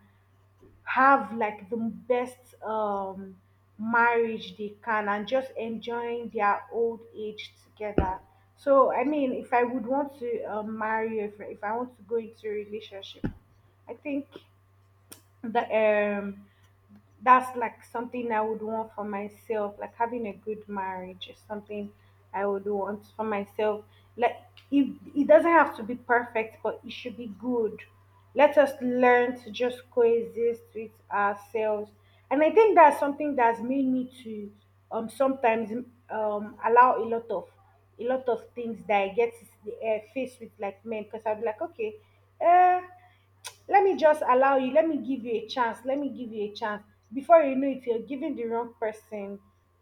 have like the best marriage they can, and just enjoying their old age together. So I mean, if I would want to marry, if I want to go into a relationship, I think that that's like something I would want for myself. Like, having a good marriage is something I would want for myself. Like, if, it doesn't have to be perfect, but it should be good. Let us learn to just coexist with ourselves. And I think that's something that's made me to sometimes allow a lot of, a lot of things that I get faced with like men. Because I'd be like, okay, uh, let me just allow you, let me give you a chance. Before you know it, you're giving the wrong person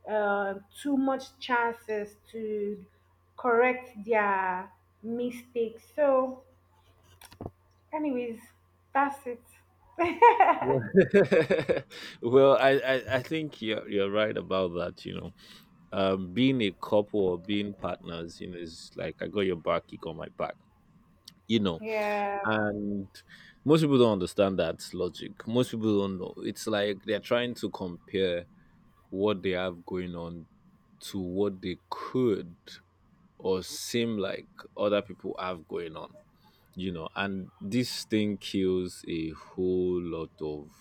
uh, too much chances to correct their mistakes. So anyways, that's it.
Well, well, I think you're right about that, you know. Um, being a couple or being partners, you know, is like I got your back, you got my back, you know.
Yeah.
And most people don't understand that logic, most people don't know. It's like they're trying to compare what they have going on to what they could or seem like other people have going on, you know. And this thing kills a whole lot of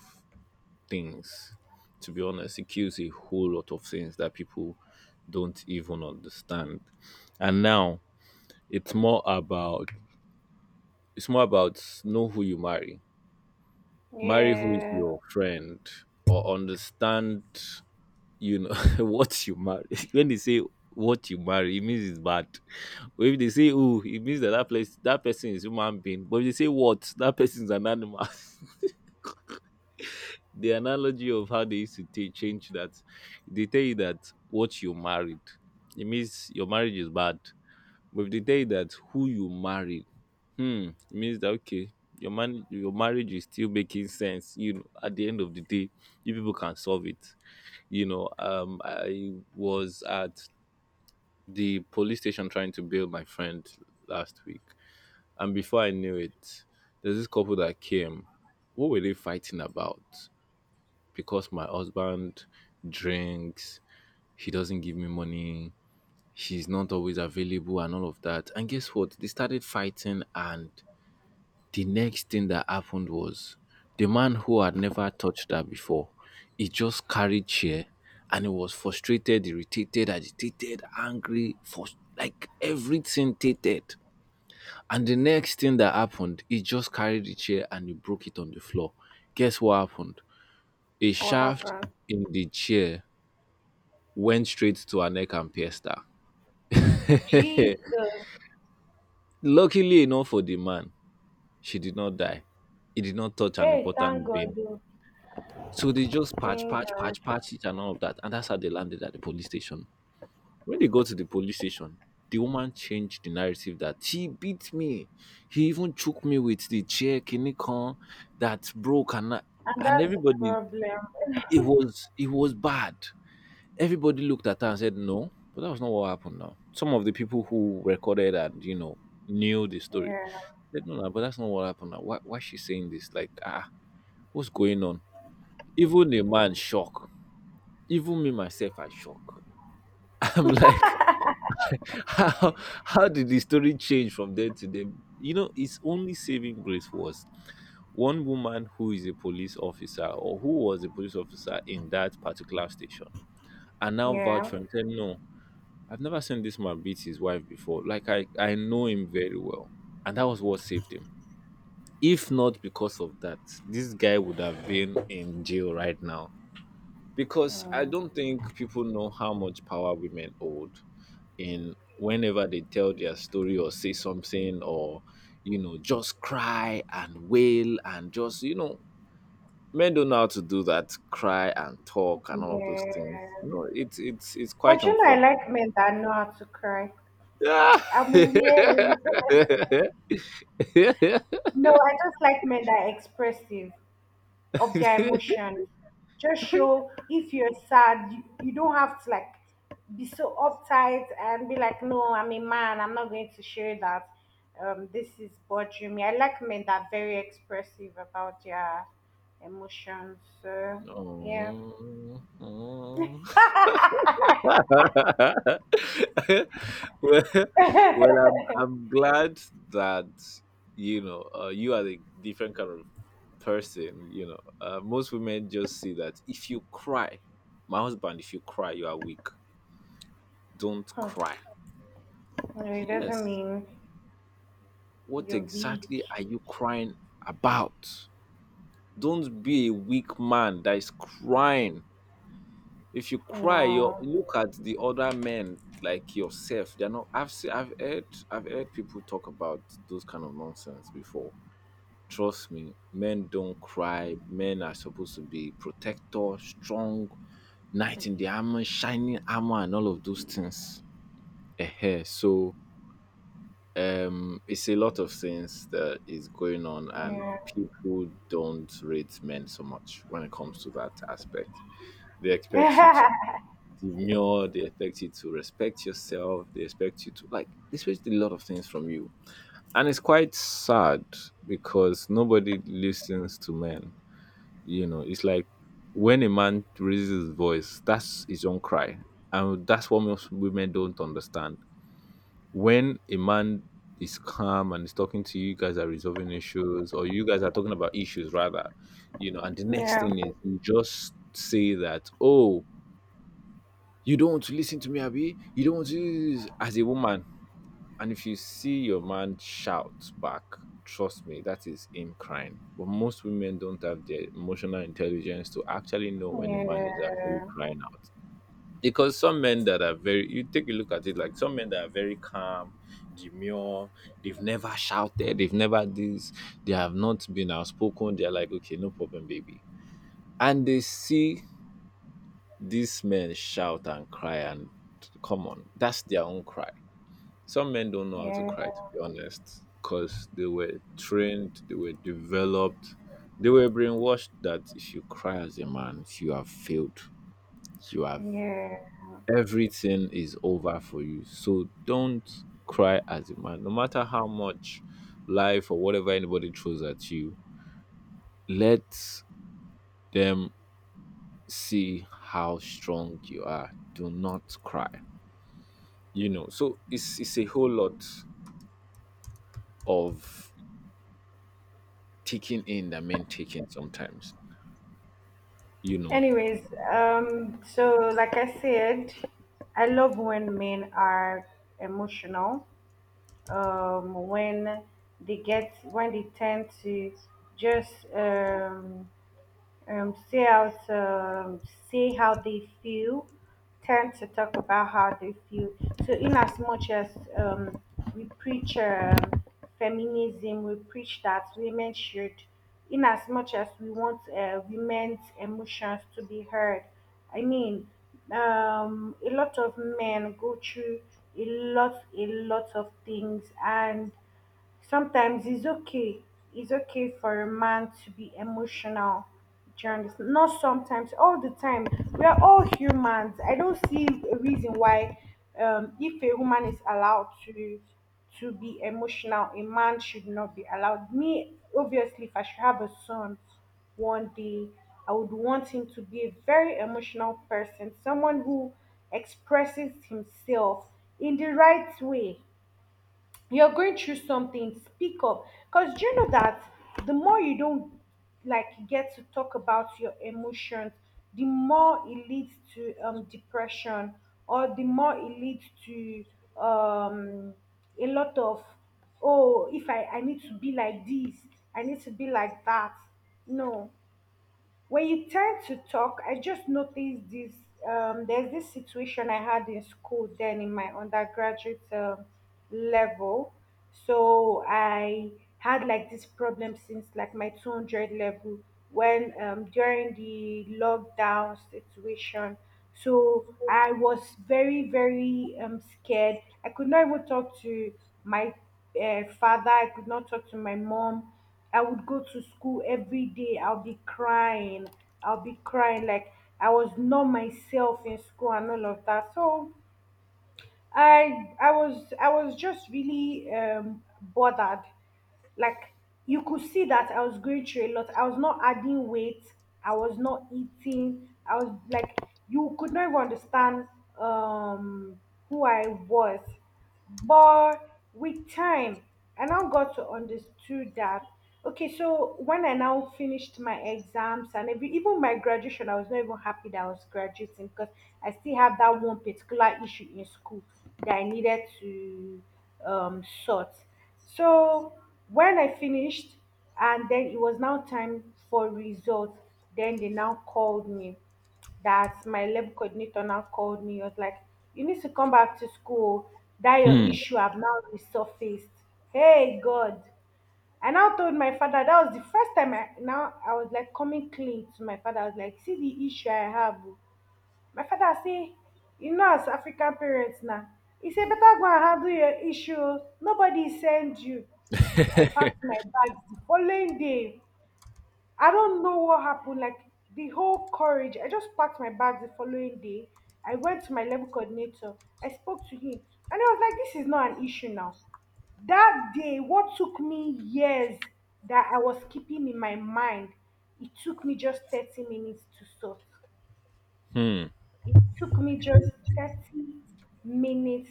things. To be honest, it kills a whole lot of things that people don't even understand. And now it's more about it's more about know who you marry, marry who is
Yeah.
your friend, or understand, you know, what you marry. When they say what you marry, it means it's bad. But if they say who, it means that that place that person is human being. But if they say what, that person is an animal. The analogy of how they used to change that, they tell you that what you married, it means your marriage is bad. But if they tell you that who you married, hmm, it means that okay, your man, your marriage is still making sense. You know, at the end of the day, you people can solve it. I was at the police station trying to bail my friend last week, and before I knew it, there's this couple that came. What were they fighting about? Because my husband drinks, he doesn't give me money, he's not always available, and all of that. And guess what? They started fighting, and the next thing that happened was the man who had never touched her before, he just carried chair and he was frustrated, irritated, agitated, angry, for like everything tated. And the next thing that happened, he just carried the chair and he broke it on the floor. Guess what happened? A
What
shaft
happened?
in the chair went straight to her neck and pierced her.
Jesus.
Luckily enough for the man, she did not die. It did not touch an
Hey, thank
important vein.
God. Oh,
So they just patch,
thank
patch,
God.
patch, patch it and all of that. And that's how they landed at the police station. When they got to the police station, the woman changed the narrative that he beat me. He even shook me with the chair kinikon that broke,
And
and
that's the
everybody,
problem.
it was, it was bad. Everybody looked at her and said no, but that was not what happened now. Some of the people who recorded and, you know, knew the story
Yeah.
said no, no, but that's not what happened now. Why is she saying this? Like, ah, what's going on? Even a man shock, even me myself I shock. I'm like, how how did the story change from there to there? You know, his only saving grace was one woman who is a police officer or who was a police officer in that particular station and now vouch
Yeah.
for him, said no, I've never seen this man beat his wife before. Like, I know him very well, and that was what saved him. If not because of that, this guy would have been in jail right now. Because I
Mm.
don't think people know how much power women hold in whenever they tell their story or say something or, you know, just cry and wail and just, you know, men don't know how to do that, cry and talk and all of those things, you
Yeah.
know. It's quite
But you know, I
unfortunate.
like men that know how to cry. I'm weird. No, I just like men that are expressive of their emotion. Just show, if you're sad, you don't have to like be so uptight and be like, "No, I'm a man, I'm not going to show that this is bothering me." I like men that are very expressive about their emotions. So, yeah.
Oh, oh. Well, well, I'm glad that, you know, you are a different kind of person. You know, most women just see that if you cry, my husband, if you cry, you are weak. Don't
Hmm.
cry.
No, it doesn't
Yes.
mean
What
you're
exactly
weak.
are you crying about? Don't be a weak man that is crying. If you cry, you
No.
look at the other men like yourself. They're not. I've heard people talk about those kind of nonsense before. Trust me, men don't cry. Men are supposed to be protector, strong, knight in the armor, shining armor, and all of those things. Eh. So it's a lot of things that is going on, and
Yeah.
people don't rate men so much when it comes to that aspect. They expect you to
yeah,
the mirror. They expect you to respect yourself. They expect you to, like, they expect a lot of things from you, and it's quite sad because nobody listens to men. You know, it's like when a man raises his voice, that's his own cry, and that's what most women don't understand. When a man is calm and is talking to you, you guys are resolving issues, or you guys are talking about issues rather, you know, and the next
yeah,
thing is you just say that, oh, you don't want to listen to me, Abby. You don't want to do this," as a woman. And if you see your man shout back, trust me, that is him crying. But most women don't have the emotional intelligence to actually know when a man is actually crying out. Because some men that are very you take a look at it, like some men that are very calm, demure, they've never shouted, they've never this, they have not been outspoken, they're like, okay, no problem, baby. And they see these men shout and cry, and come on, that's their own cry. Some men don't know how to
yeah,
cry, to be honest, because they were trained, they were developed, they were brainwashed that if you cry as a man, you have failed. You have
yeah.
everything is over for you. So don't cry as a man, no matter how much life or whatever anybody throws at you. Let them see how strong you are. Do not cry. You know, so it's a whole lot of taking in that men taking sometimes, you know.
Anyways, so like I said, I love when men are emotional. When they get, when they tend to just see how to see how they feel, tend to talk about how they feel. So in as much as um, we preach feminism, we preach that women should, in as much as we want women's emotions to be heard, I mean, a lot of men go through a lot of things, and sometimes it's okay. It's okay for a man to be emotional. Do you understand? Not sometimes, all the time. We are all humans. I don't see a reason why if a woman is allowed to be emotional, a man should not be allowed. Me, obviously, if I should have a son one day, I would want him to be a very emotional person, someone who expresses himself in the right way. You're going through something, speak up. Because do you know that the more you don't like get to talk about your emotions, the more it leads to depression, or the more it leads to um, a lot of, oh, if I, I need to be like this, I need to be like that. No, when you tend to talk, I just noticed this. There's this situation I had in school, then in my undergraduate level. So I had like this problem since like my 200 level, when during the lockdown situation. So I was very, very scared. I could not even talk to my father. I could not talk to my mom. I would go to school every day. I'll be crying. I'll be crying like, I was not myself in school and all of that. So I was just really bothered. Like, you could see that I was going through a lot. I was not adding weight. I was not eating. I was like, you could not even understand um who I was. But with time, I now got to understood that okay, so when I now finished my exams and every, even my graduation, I was not even happy that I was graduating because I still had that one particular issue in school that I needed to sort. So when I finished, and then it was now time for results, then they now called me. That my lab coordinator now called me. He was like, "You need to come back to school. That your
Hmm.
issue have now resurfaced." Hey God! I now told my father that was the first time I now, I was like coming clean to my father. I was like, "See the issue I have." Oh, my father say, you know, as African parents now, he say better go and handle your issue, nobody send you. I packed my bags the following day. I don't know what happened. Like, the whole courage, I just packed my bags the following day. I went to my level coordinator. I spoke to him, and he was like, this is not an issue now. That day, what took me years, that I was keeping in my mind, it took me just 30 minutes to sort. It took me just 30 minutes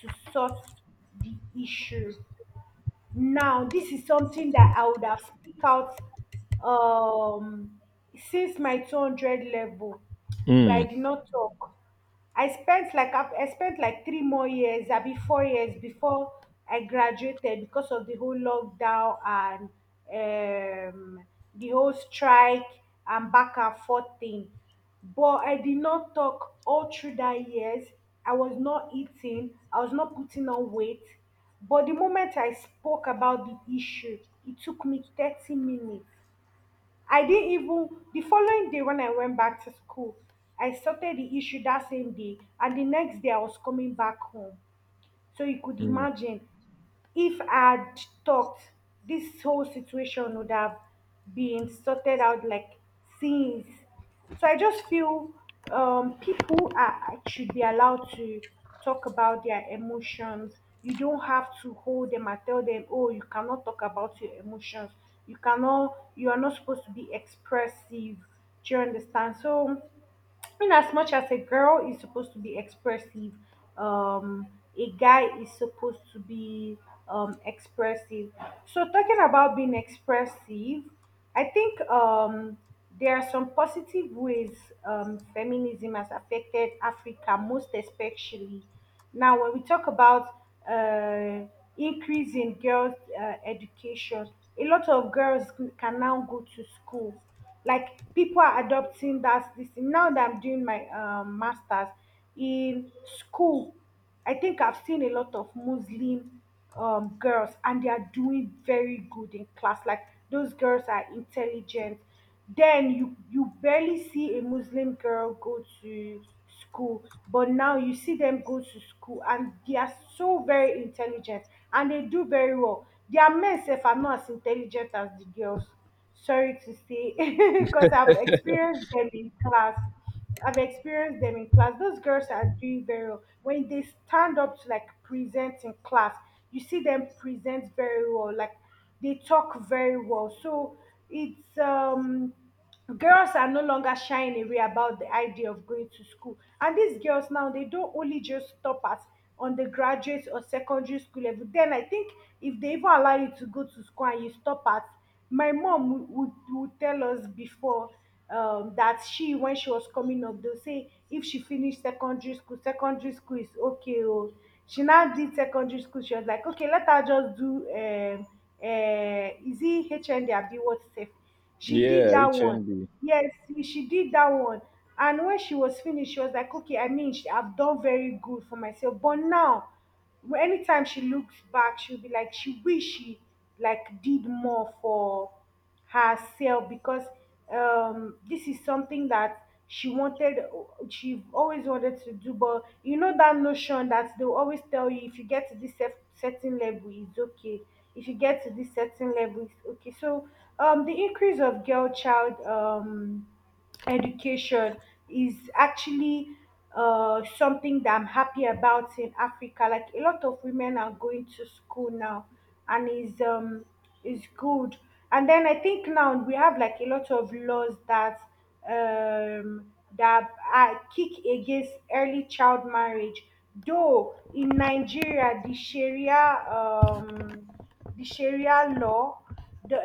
to sort the issue. Now, this is something that I would have speak out um, since my 200 level, but I did not talk. I spent like 3 more years, I be 4 years before I graduated because of the whole lockdown and the whole strike and back and forth thing. But I did not talk all through that years. I was not eating. I was not putting on weight. But the moment I spoke about the issue, it took me 30 minutes. I didn't even— the following day when I went back to school, I started the issue that same day, and the next day I was coming back home. So you could imagine if I had talked, this whole situation would have been sorted out, like, since. So I just feel people are, should be allowed to talk about their emotions. You don't have to hold them and tell them, oh, you cannot talk about your emotions. You cannot, you are not supposed to be expressive. Do you understand? So inasmuch as much as a girl is supposed to be expressive, um, a guy is supposed to be expressive. So, talking about being expressive, I think there are some positive ways feminism has affected Africa, most especially. Now, when we talk about uh, increase in girls' education, a lot of girls can now go to school, like, people are adopting that this thing. Now that I'm doing my masters in school, I think I've seen a lot of Muslim girls, and they are doing very good in class. Like, those girls are intelligent. Then you barely see a Muslim girl go to school, but now you see them go to school and they are so very intelligent, and they do very well. Their men sef are not as intelligent as the girls, sorry to say. Because I've experienced them in class. I've experienced them in class. Those girls are doing very well. When they stand up to, like, present in class, you see them present very well. Like, they talk very well. So it's girls are no longer shying away about the idea of going to school. And these girls now, they don't only just stop at undergraduate or secondary school level. Then I think if they even allow you to go to school and you stop at— my mom would tell us before, that she, when she was coming up, they'll say if she finished secondary school, secondary school is okay. Oh, she now did secondary school. She was like, okay, let her just do is it HND abi what's safe. She did
Yeah,
that one.
HND.
Yes, she did that one. And when she was finished, she was like, okay, I mean, I've done very good for myself. But now, anytime she looks back, she'll be like, she wish she like did more for herself, because this is something that she wanted, she always wanted to do. But you know that notion that they'll always tell you, if you get to this certain level, it's okay. If you get to this certain level, it's okay. So the increase of girl child education is actually something that I'm happy about in Africa. Like, a lot of women are going to school now, and is good. And then I think now we have like a lot of laws that um that are kick against early child marriage. Though in Nigeria, the Sharia law, the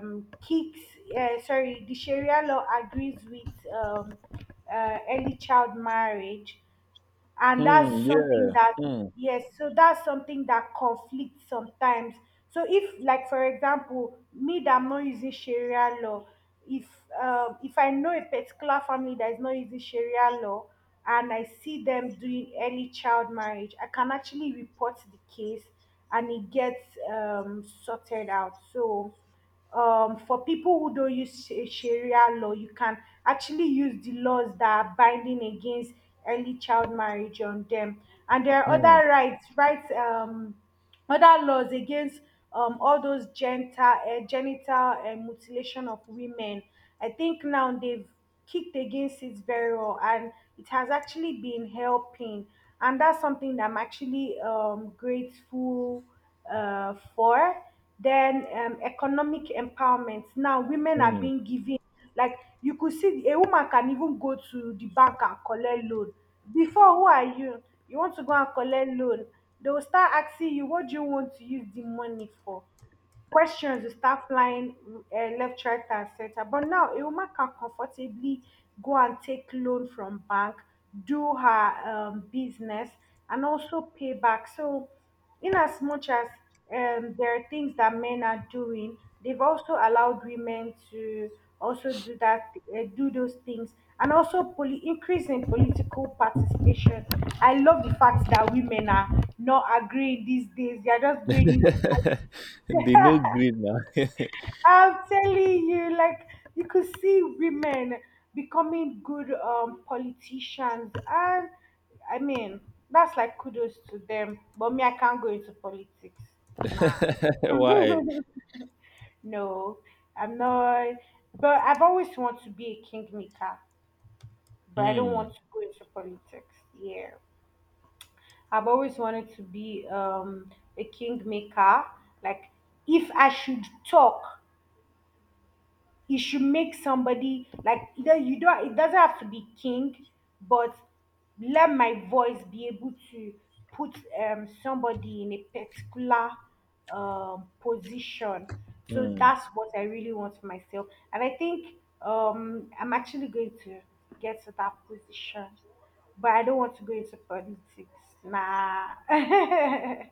kicks, sorry, the Sharia law agrees with early child marriage, and that's
Hmm.
something
Yeah.
that—
Hmm.
yes, so that's something that conflicts sometimes. So if, like, for example, me that I'm not using Sharia law, if if I know a particular family that is not using Sharia law and I see them doing early child marriage, I can actually report the case and it gets sorted out. So for people who don't use Sharia law, you can actually use the laws that are binding against early child marriage on them. And there are
Hmm.
other rights, other laws against all those genital mutilation of women. I think now they've kicked against it very well, and it has actually been helping. And that's something that I'm actually grateful for. Then economic empowerment, now women are
Hmm.
being given, like, you could see a woman can even go to the bank and collect loan. Before, who are you? You want to go and collect loan? They will start asking you what do you want to use the money for. Questions will start flying left, right, and center. But now a woman can comfortably go and take loan from bank, do her business, and also pay back. So, in as much as there are things that men are doing, they've also allowed women to also do that, do those things, and also increase in political participation. I love the fact that women are not agreeing these days; they are just going into—
They no green now.
I'm telling you, like, you could see women becoming good politicians, and I mean, that's like kudos to them. But me, I can't go into politics. Nah,
Why?
no, I'm not. But I've always wanted to be a kingmaker, but I don't
Hmm.
want to go into politics. Yeah, I've always wanted to be a kingmaker. Like, if I should talk, he should make somebody, like— either you don't— it doesn't have to be king, but let my voice be able to put somebody in a particular position. So that's what I really want for myself, and I think I'm actually going to get to that position. But I don't want to go into politics, nah. I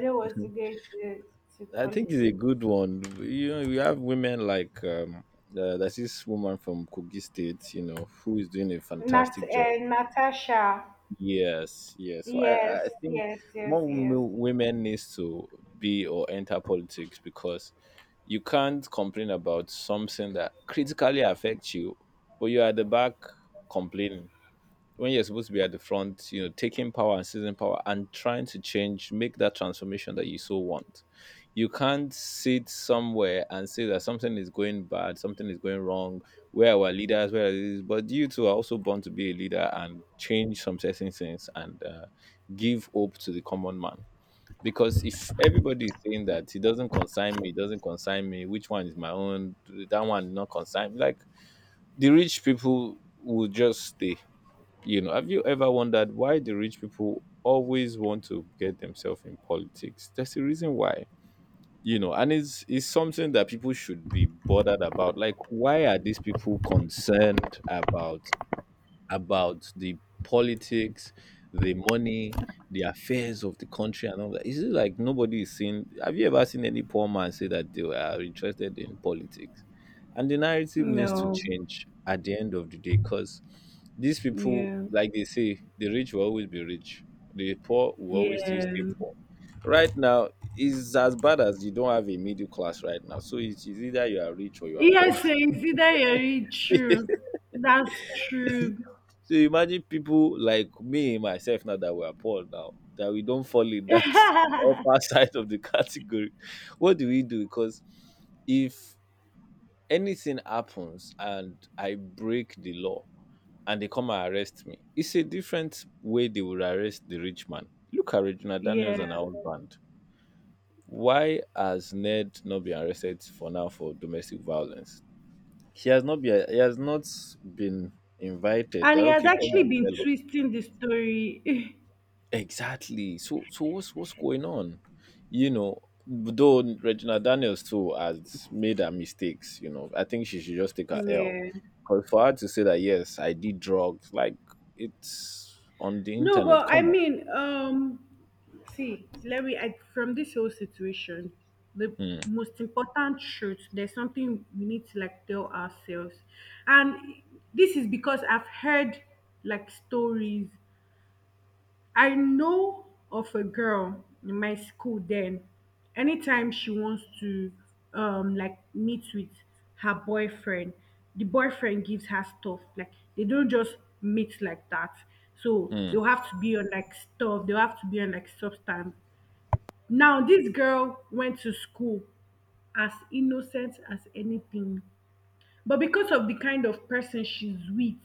don't want to go into to
I think it's a
politics.
good one. You know, we have women like there's this woman from Kogi State, you know, who is doing a fantastic job.
Natasha.
Yes, yes. So I
Yes,
think
yes, yes,
more
yes.
women needs to be or enter politics because you can't complain about something that critically affects you, but you are at the back complaining when you're supposed to be at the front, you know, taking power and seizing power and trying to change, make that transformation that you so want. You can't sit somewhere and say that something is going bad, something is going wrong, where our leaders, where this, but you two are also born to be a leader and change some certain things and give hope to the common man. Because if everybody is saying that he doesn't consign me, he doesn't consign me, which one is my own, that one not consign me, like the rich people will just stay, you know, have you ever wondered why the rich people always want to get themselves in politics? That's the reason why. You know, and it's something that people should be bothered about. Like, why are these people concerned about the politics, the money, the affairs of the country, and all that. Is it like nobody is seeing? Have you ever seen any poor man say that they are interested in politics? And the narrative needs to
No,
change at the end of the day because these people,
yeah,
like they say, the rich will always be rich, the poor will always still
yeah.
stay poor. Right now, is as bad as you don't have a middle class right now. So it's either you are rich or you are poor.
Yes, it's either very true. That's true.
So you imagine people like me, myself now that we are poor now, that we don't fall in that upper side of the category. What do we do? Because if anything happens and I break the law and they come and arrest me, it's a different way they will arrest the rich man. Look at Regina Daniels
Yeah.
and her husband. Why has Ned not been arrested for now for domestic violence? She has not been. He has not been invited.
And he
That,
has
okay, come
actually
and
been
tell us.
twisting the story.
Exactly. So what's going on? You know, though Regina Daniels too has made her mistakes, you know, I think she should just take her L.
Yeah.
Because for her to say that yes, I did drugs, like it's on the
No,
internet.
but I
Come on.
mean, see, let me, I, from this whole situation, the
Hmm.
most important truth, there's something we need to, like, tell ourselves. And this is because I've heard like stories. I know of a girl in my school then, anytime she wants to like meet with her boyfriend, the boyfriend gives her stuff. Like, they don't just meet like that. So
Hmm.
they'll have to be on like stuff, they'll have to be on like substance. Now this girl went to school as innocent as anything, but because of the kind of person she's with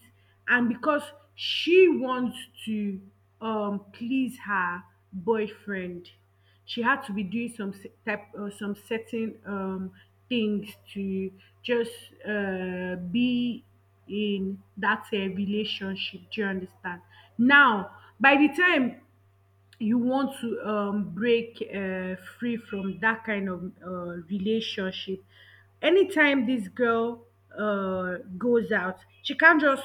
and because she wants to please her boyfriend, she had to be doing some type some certain things to just be in that relationship. Do you understand? Now, by the time you want to break free from that kind of relationship. Anytime this girl goes out, she can't just,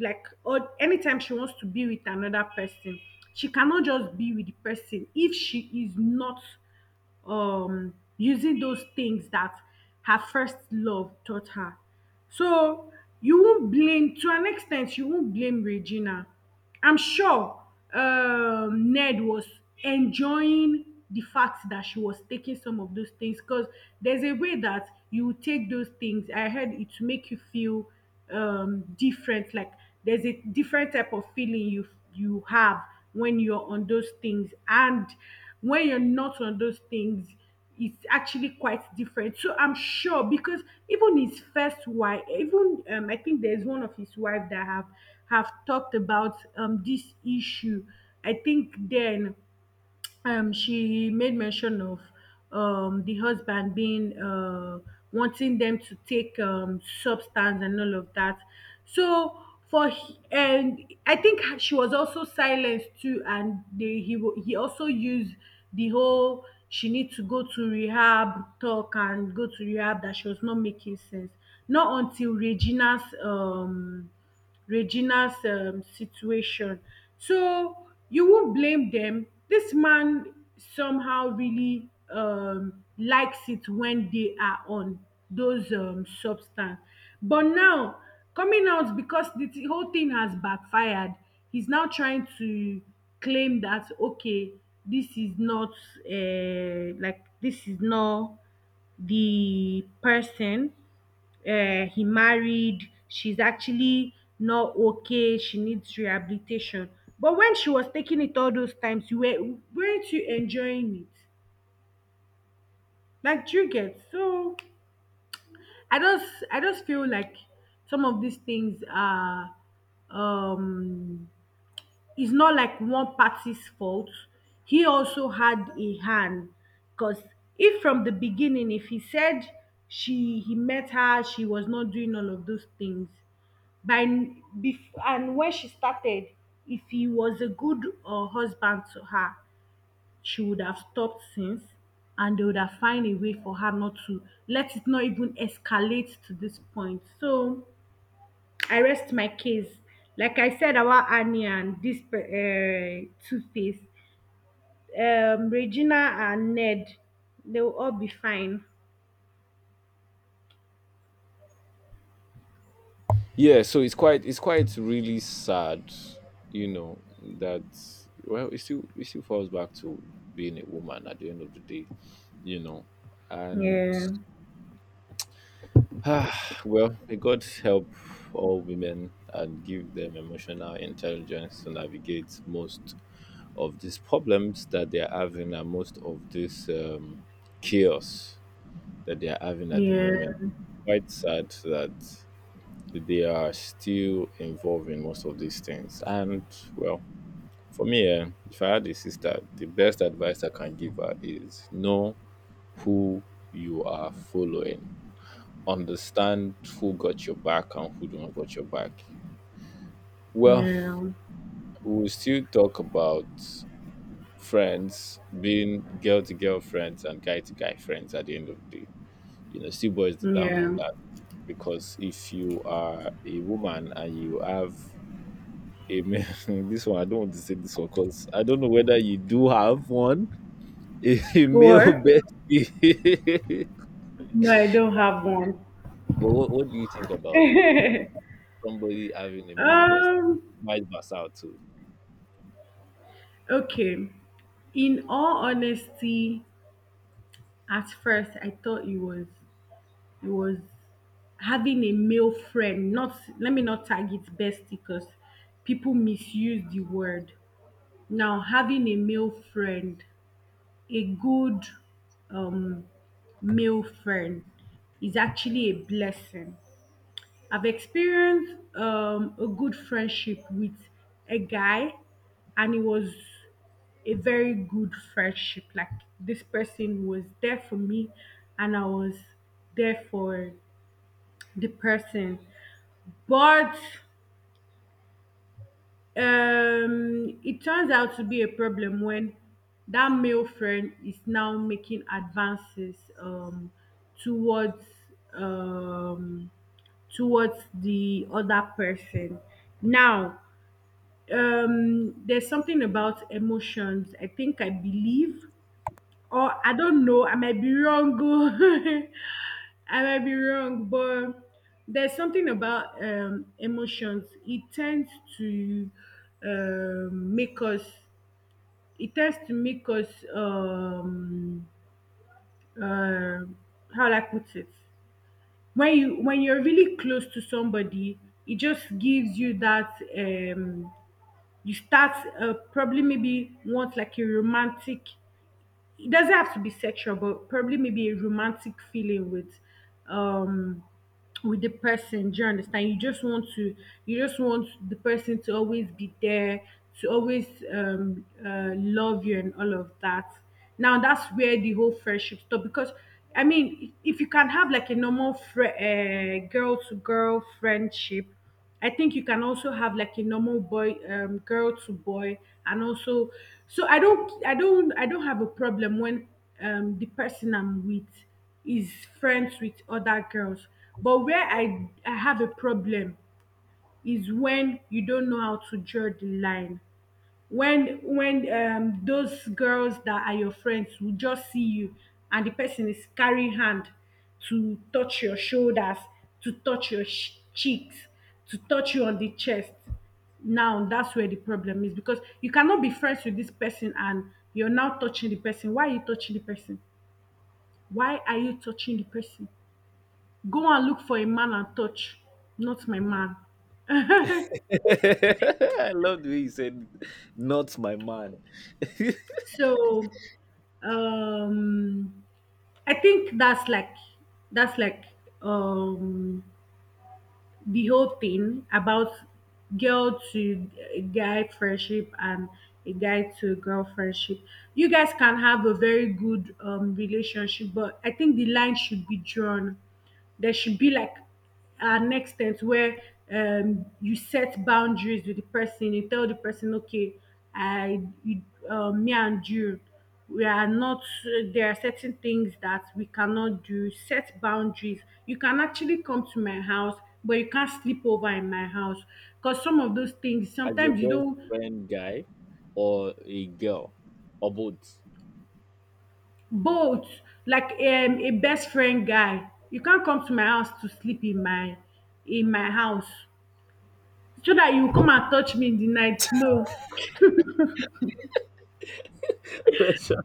like— or anytime she wants to be with another person, she cannot just be with the person if she is not using those things that her first love taught her. So you won't blame, to an extent, you won't blame Regina. I'm sure Ned was enjoying the fact that she was taking some of those things, because there's a way that you take those things. I heard it to make you feel different, like there's a different type of feeling you have when you're on those things and when you're not on those things. It's actually quite different, so I'm sure. Because even his first wife, even I think there's one of his wife that have talked about this issue. I think then she made mention of the husband being wanting them to take substance and all of that. So, for he- and I think she was also silenced too, and he also used the whole "she needs to go to rehab" talk, and go to rehab, that she was not making sense. Not until Regina's, situation. So you won't blame them. This man somehow really likes it when they are on those substance. But now, coming out because the whole thing has backfired, he's now trying to claim that, okay, this is not this is not the person he married. She's actually not okay, she needs rehabilitation. But when she was taking it all those times, you were weren't you enjoying it? Like, do you get? So I just I just feel like some of these things are um it's not like one party's fault. He also had a hand, because if from the beginning, if he said she he met her, she was not doing all of those things, by and when she started, if he was a good husband to her, she would have stopped since, and they would have find a way for her not to, let it not even escalate to this point. So I rest my case. Like I said about Annie and this two-face, Regina and Ned, they will all be fine.
Yeah, so it's quite really sad, you know, that, well, it still falls back to being a woman at the end of the day, you know. And
Yeah,
ah, well, may God help all women and give them emotional intelligence to navigate most of these problems that they are having and most of this chaos that they are having at the
yeah,
moment. Quite sad that they are still involved in most of these things. And, well, for me, eh, if I had a sister, the best advice I can give her is know who you are following, understand who got your back and who don't got your back. Well,
yeah,
we'll still talk about friends being girl to girl friends and guy to guy friends at the end of the day. You know, still boils down
yeah.
on that because if you are a woman and you have a male, this one I don't want to say this one because I don't know whether you do have one, a male
or
bestie.
No, I don't have one.
But what do you think about somebody having a male bestie?
um
Vice versa too.
okay. In all honesty, at first I thought it was having a male friend. Not Let me not tag it bestie, because people misuse the word. Now, having a male friend, a good um male friend, is actually a blessing. I've experienced a good friendship with a guy, and it was a very good friendship. Like, this person was there for me, and I was there for the person. But it turns out to be a problem when that male friend is now making advances towards um, towards the other person. Now, there's something about emotions. I think, I believe, or I don't know, I might be wrong, oh. I might be wrong, but there's something about emotions. It tends to make us it tends to make us uh, how do I put it? When you're really close to somebody, it just gives you that, um you start probably maybe want like a romantic — it doesn't have to be sexual, but probably maybe a romantic feeling with um with the person. Do you understand? You just want the person to always be there, to always, love you and all of that. Now that's where the whole friendship stop, because I mean, if you can have like a normal girl to girl friendship, I think you can also have like a normal boy, girl to boy, and also. So I don't have a problem when the person I'm with is friends with other girls. But where I have a problem is when you don't know how to draw the line, when those girls that are your friends will just see you, and the person is carrying hand to touch your shoulders, to touch your cheeks, to touch you on the chest. Now that's where the problem is, because you cannot be friends with this person and you're now touching the person. Why are you touching the person? Why are you touching the person? Go and look for a man and touch. Not my man.
I love the way you said, not my man,
So, um, I think that's like, that's like um, the whole thing about girl to guy friendship and a guy to girl friendship. You guys can have a very good relationship, but I think the line should be drawn. There should be like an extent where you set boundaries with the person. You tell the person, okay, I you, me and you, we are not there are certain things that we cannot do. Set boundaries. You can actually come to my house, but you can't sleep over in my house, because some of those things
as your
sometimes you
best
don't.
friend guy or a girl or both.
Both. Like, a best friend guy, you can't come to my house to sleep in my house, so that you come and touch me in the night. No.
Pressure.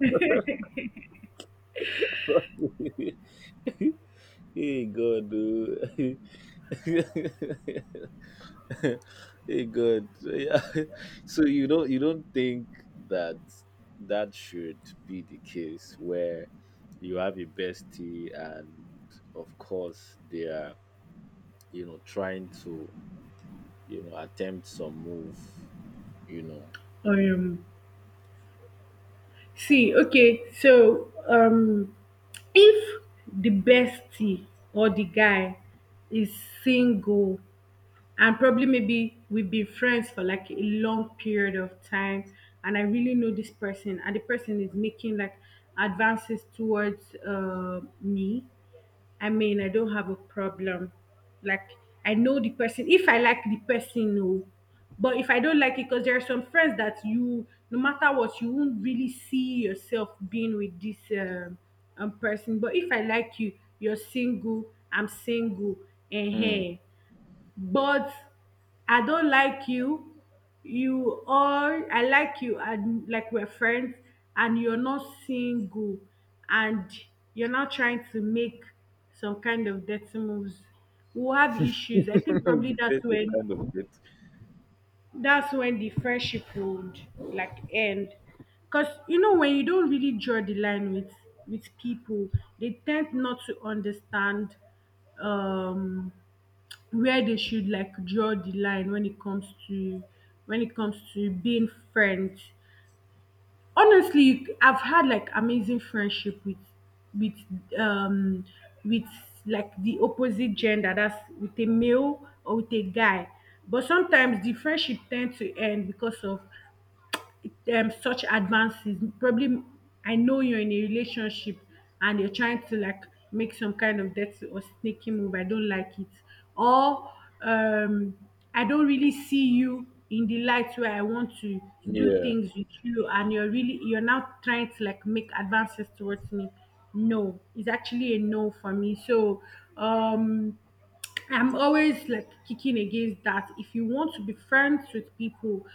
Hey God, dude. Hey God, so, yeah. So you don't think that should be the case where you have a bestie and of course they are, you know, trying to, you know, attempt some move, you know.
um See, okay, so, if the bestie or the guy is single, and probably maybe we've been friends for like a long period of time, and I really know this person, and the person is making like advances towards me, I mean, I don't have a problem. Like, I know the person. If I like the person, no. But if I don't like it, because there are some friends that you, no matter what, you won't really see yourself being with this person. But if I like you, you're single, I'm single, and
Hmm.
hey, but I don't like you. You all, I like you, and like we're friends, and you're not single, and you're not trying to make some kind of dirty moves, we'll have issues. I think probably
You
that's
said to
when,
kind of get
the friendship would like end. Cause you know, when you don't really draw the line with people, they tend not to understand um where they should like draw the line when it comes to, being friends. Honestly, I've had like amazing friendship with, with um with like the opposite gender, that's with a male or with a guy. But sometimes the friendship tend to end because of such advances. Probably I know you're in a relationship, and you're trying to like make some kind of dirty or sneaky move. I don't like it. Or um I don't really see you in the light where I want to do
yeah.
things with you, and you're now trying to like make advances towards me. No, it's actually a no for me. So, um I'm always like kicking against that. If you want to be friends with people,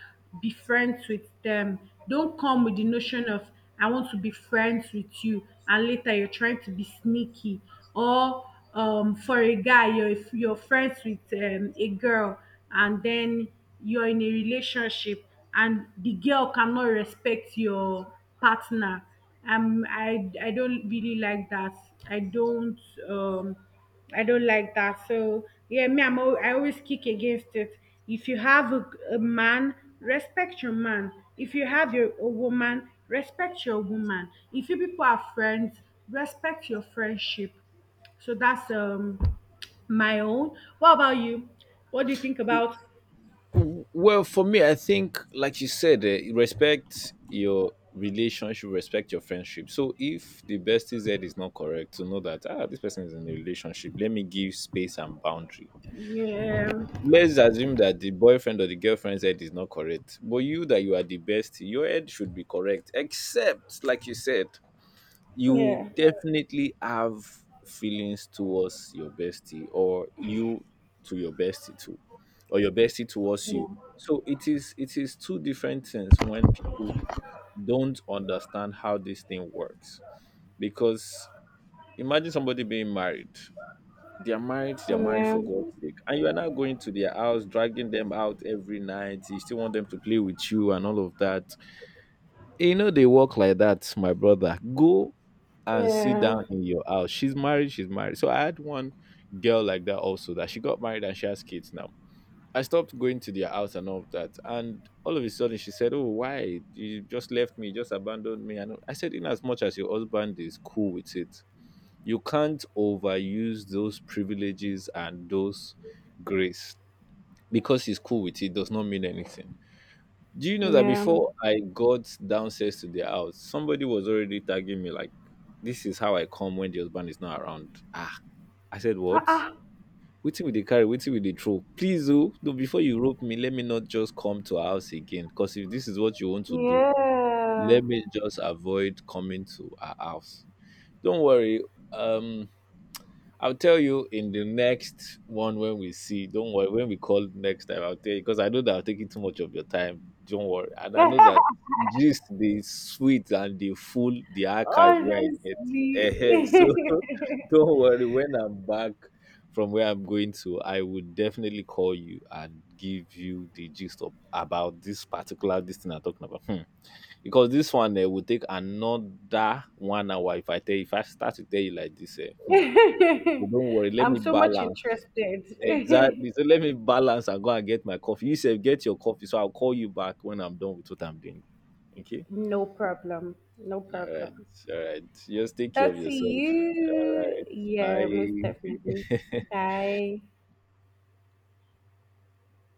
be friends with them. Don't come with the notion of, I want to be friends with you, and later you're trying to be sneaky. Or, for a guy, you're if you're friends with a girl, and then you're in a relationship, and the girl cannot respect your partner. I don't really like that. I don't um I don't like that. So yeah, me, I always kick against it. If you have a man, respect your man. If you have your a woman, respect your woman. If you people are friends, respect your friendship. So that's my own. What about you? What do you think about?
W- Well, for me, I think, like you said, eh, respect your relationship, respect your friendship. So if the bestie Z is not correct, to know that, ah, this person is in a relationship, let me give space and boundary.
Yeah,
Let's assume that the boyfriend or the girlfriend's head is not correct. But you that you are the bestie, your head should be correct. Except, like you said, you
yeah,
definitely have feelings towards your bestie or you to your bestie too or your bestie towards
yeah,
you, so it is two different things when people don't understand how this thing works because imagine somebody being married, they are married, they are married
yeah,
for God's sake, and you are now going to their house dragging them out every night, you still want them to play with you and all of that. You know they work like that, my brother. Go and sit
yeah,
down in your house. She's married, she's married. So I had one girl like that also that she got married and she has kids now. I stopped going to their house and all of that. And all of a sudden she said, oh, why? You just left me, just abandoned me. And I said, in as much as your husband is cool with it, you can't overuse those privileges and those grace. Because he's cool with it does not mean anything. Do you know that
yeah.
before I got downstairs to their house, somebody was already tagging me like, "This is how I come when the husband is not around." Ah, I said,
Ah,
what?
ah,
Waiting with the carry, waiting with the throw. Please, oh, no, before you rope me, let me not just come to our house again. Cause if this is what you want to do,
yeah.
let me just avoid coming to our house. Don't worry. Um, I'll tell you in the next one when we see. Don't worry. When we call next time, I'll tell you because I know that I'm taking too much of your time. Don't worry. And I know that just the sweet and the full the archive where I get.
Honestly.
Eh, so don't worry. When I'm back from where I'm going to, I would definitely call you and give you the gist of about this particular this thing I'm talking about. Hmm. Because this one, eh, will take another 1 hour if I tell if I start to tell you like this. Eh, hmm. So don't worry, let
I'm
me
so much
balance.
interested.
Exactly. So let me balance and go and get my coffee. You say get your coffee. So I'll call you back when I'm done with what I'm doing. Okay?
No problem. No
All right.
problem.
All right. Just take care of
That's
yourself. All
you. Yeah, most
right.
definitely.
Bye.
Bye.